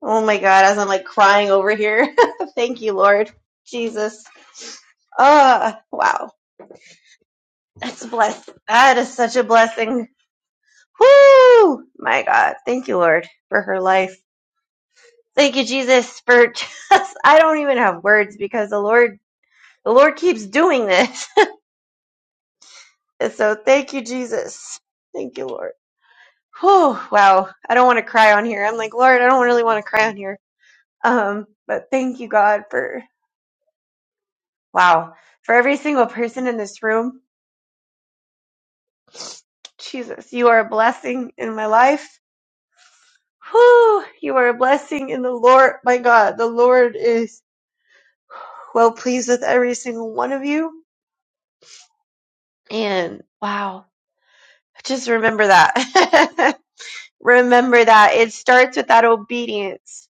Speaker 4: Oh my God, as I'm like crying over here. Thank you, Lord. Jesus. Ah, wow. That's a bless. That is such a blessing. Whoo! My God. Thank you, Lord, for her life. Thank you, Jesus, for just, I don't even have words because the Lord, the Lord keeps doing this. And so thank you, Jesus. Thank you, Lord. Whew, wow. I don't want to cry on here. I'm like, Lord, I don't really want to cry on here. Um, but thank you, God, for. Wow. For every single person in this room, Jesus, you are a blessing in my life. Whew, you are a blessing in the Lord. My God, the Lord is well pleased with every single one of you. And wow, just remember that. remember that. It starts with that obedience.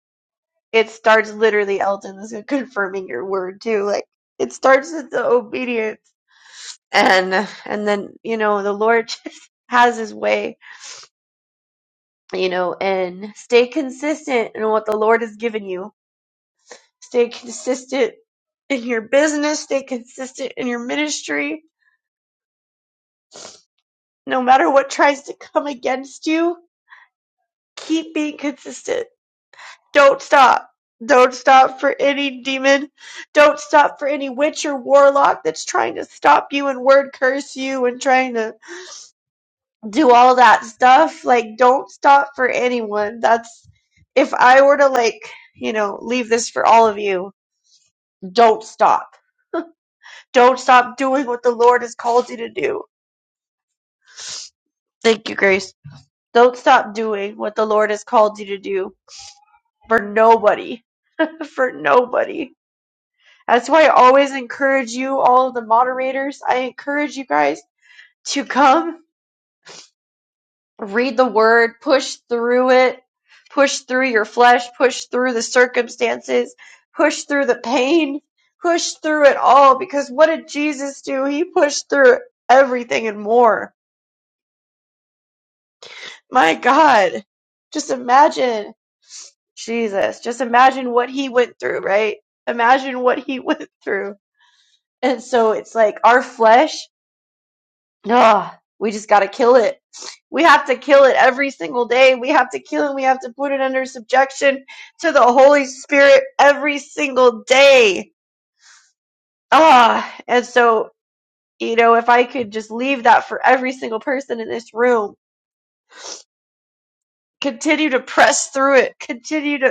Speaker 4: It starts literally, Elton, this is confirming your word too. Like it starts with the obedience. And and then, you know, the Lord just has his way you know, and stay consistent in what the Lord has given you. Stay consistent in your business, stay consistent in your ministry. No matter what tries to come against you, keep being consistent. Don't stop. Don't stop for any demon. Don't stop for any witch or warlock that's trying to stop you and word curse you and trying to do all that stuff. Like, don't stop for anyone. That's if I were to, like, you know, leave this for all of you Don't stop. Don't stop doing what the Lord has called you to do. Thank you, Grace. Don't stop doing what the Lord has called you to do for nobody. For nobody. That's why I always encourage you, all of the moderators, I encourage you guys to come read the word, push through it, push through your flesh, push through the circumstances, push through the pain, push through it all. Because what did Jesus do? He pushed through everything and more My God. Just imagine, Jesus, just imagine what he went through, right? Imagine what he went through. And so it's like our flesh, Ah, we just got to kill it. We have to kill it every single day. We have to kill it. We have to put it under subjection to the Holy Spirit every single day. Ah, and so, you know, if I could just leave that for every single person in this room, continue to press through it, continue to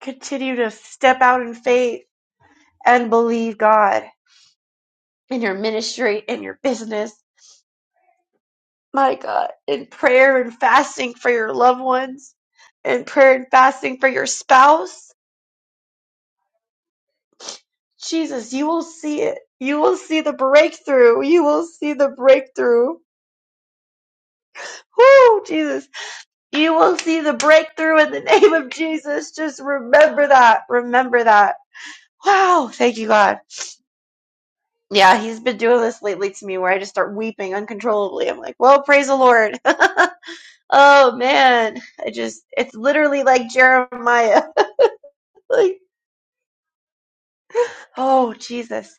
Speaker 4: Continue to step out in faith and believe God in your ministry, in your business. My God, in prayer and fasting for your loved ones, in prayer and fasting for your spouse. Jesus, you will see it. You will see the breakthrough. You will see the breakthrough. Whoo, Jesus. You will see the breakthrough in the name of Jesus. Just remember that. Remember that. Wow. Thank you, God. Yeah, he's been doing this lately to me where I just start weeping uncontrollably. I'm like, well, praise the Lord. oh, man. I just, it's literally like Jeremiah. like, oh, Jesus.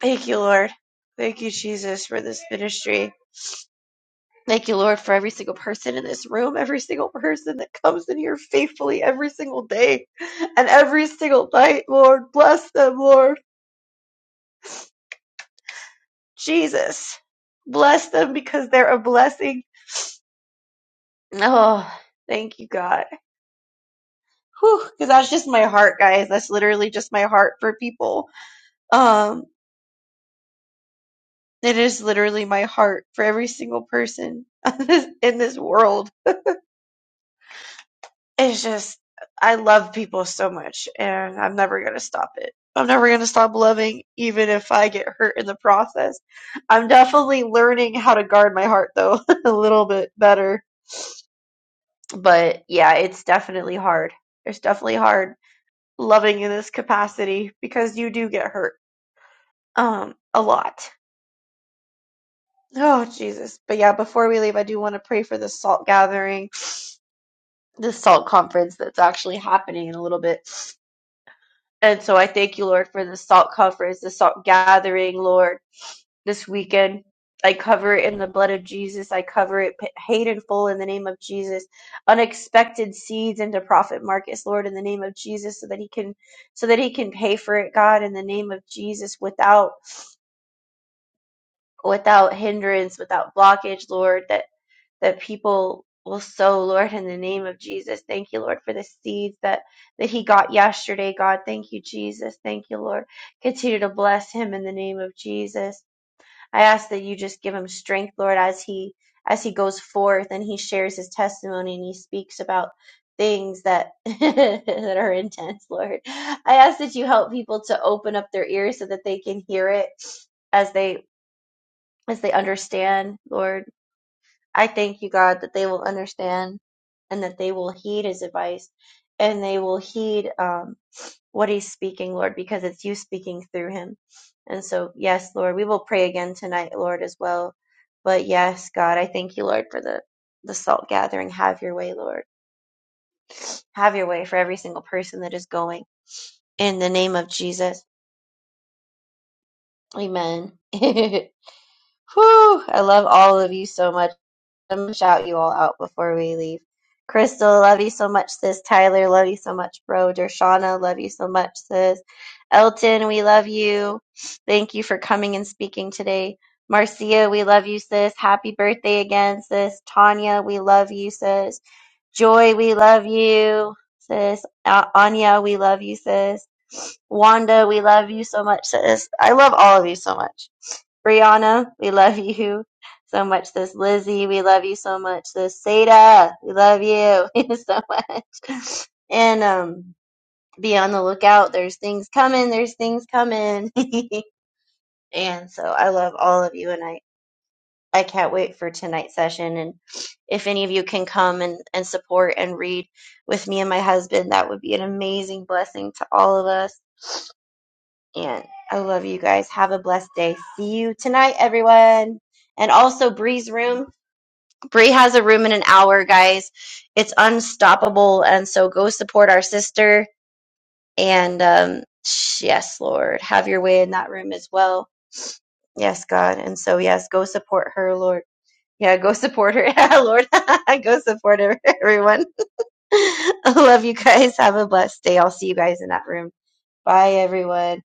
Speaker 4: Thank you, Lord. Thank you, Jesus, for this ministry. Thank you, Lord, for every single person in this room, every single person that comes in here faithfully every single day and every single night, Lord. Bless them, Lord. Jesus. Bless them because they're a blessing. Oh, thank you, God. because that's just my heart, guys. That's literally just my heart for people. Um, it is literally my heart for every single person in this world. It's just, I love people so much, and I'm never gonna stop it. I'm never gonna stop loving, even if I get hurt in the process. I'm definitely learning how to guard my heart, though, a little bit better. But yeah, it's definitely hard. It's definitely hard loving in this capacity because you do get hurt um a lot Oh, Jesus. But yeah, before we leave, I do want to pray for this salt gathering, this salt conference that's actually happening in a little bit. And so I thank you, Lord, for this salt conference, this salt gathering, Lord, this weekend. I cover it in the blood of Jesus. I cover it p- paid in full in the name of Jesus. Unexpected seeds into Prophet Marcus, Lord, in the name of Jesus, so that he can, so that he can pay for it, God, in the name of Jesus, without, without hindrance, without blockage, Lord. that. that people will sow, Lord, in the name of Jesus. Thank you, Lord, for the seeds that, that he got yesterday, God. Thank you, Jesus. Thank you, Lord. Continue to bless him in the name of Jesus. I ask that you just give him strength, Lord, as he as he goes forth and he shares his testimony and he speaks about things that that are intense, Lord. I ask that you help people to open up their ears so that they can hear it as they as they understand, Lord. I thank you, God, that they will understand and that they will heed his advice and they will heed um, what he's speaking, Lord, because it's you speaking through him. And so, yes, Lord, we will pray again tonight, Lord, as well. But yes, God, I thank you, Lord, for the, the salt gathering. Have your way, Lord. Have your way for every single person that is going. In the name of Jesus, amen. Whew, I love all of you so much. I'm shout you all out before we leave. Crystal, love you so much, sis. Tyler, love you so much, bro. Dershana, love you so much, sis. Elton, we love you. Thank you for coming and speaking today. Marcia, we love you, sis. Happy birthday again, sis. Tanya, we love you, sis. Joy, we love you, sis. A- Anya, we love you, sis. Wanda, we love you so much, sis. I love all of you so much. Brianna, we love you so much. This Lizzie, we love you so much. This Seda, we love you so much. And um, be on the lookout. There's things coming. There's things coming. and so I love all of you, and I I can't wait for tonight's session. And if any of you can come and and support and read with me and my husband, that would be an amazing blessing to all of us. And I love you guys. Have a blessed day. See you tonight, everyone. And also, Bree's Room. Bree has a room in an hour, guys. It's unstoppable. And so go support our sister. And um, yes, Lord, have your way in that room as well. Yes, God. And so, yes, go support her, Lord. Yeah, go support her. Yeah, Lord. go support her, everyone. I love you guys. Have a blessed day. I'll see you guys in that room. Bye, everyone.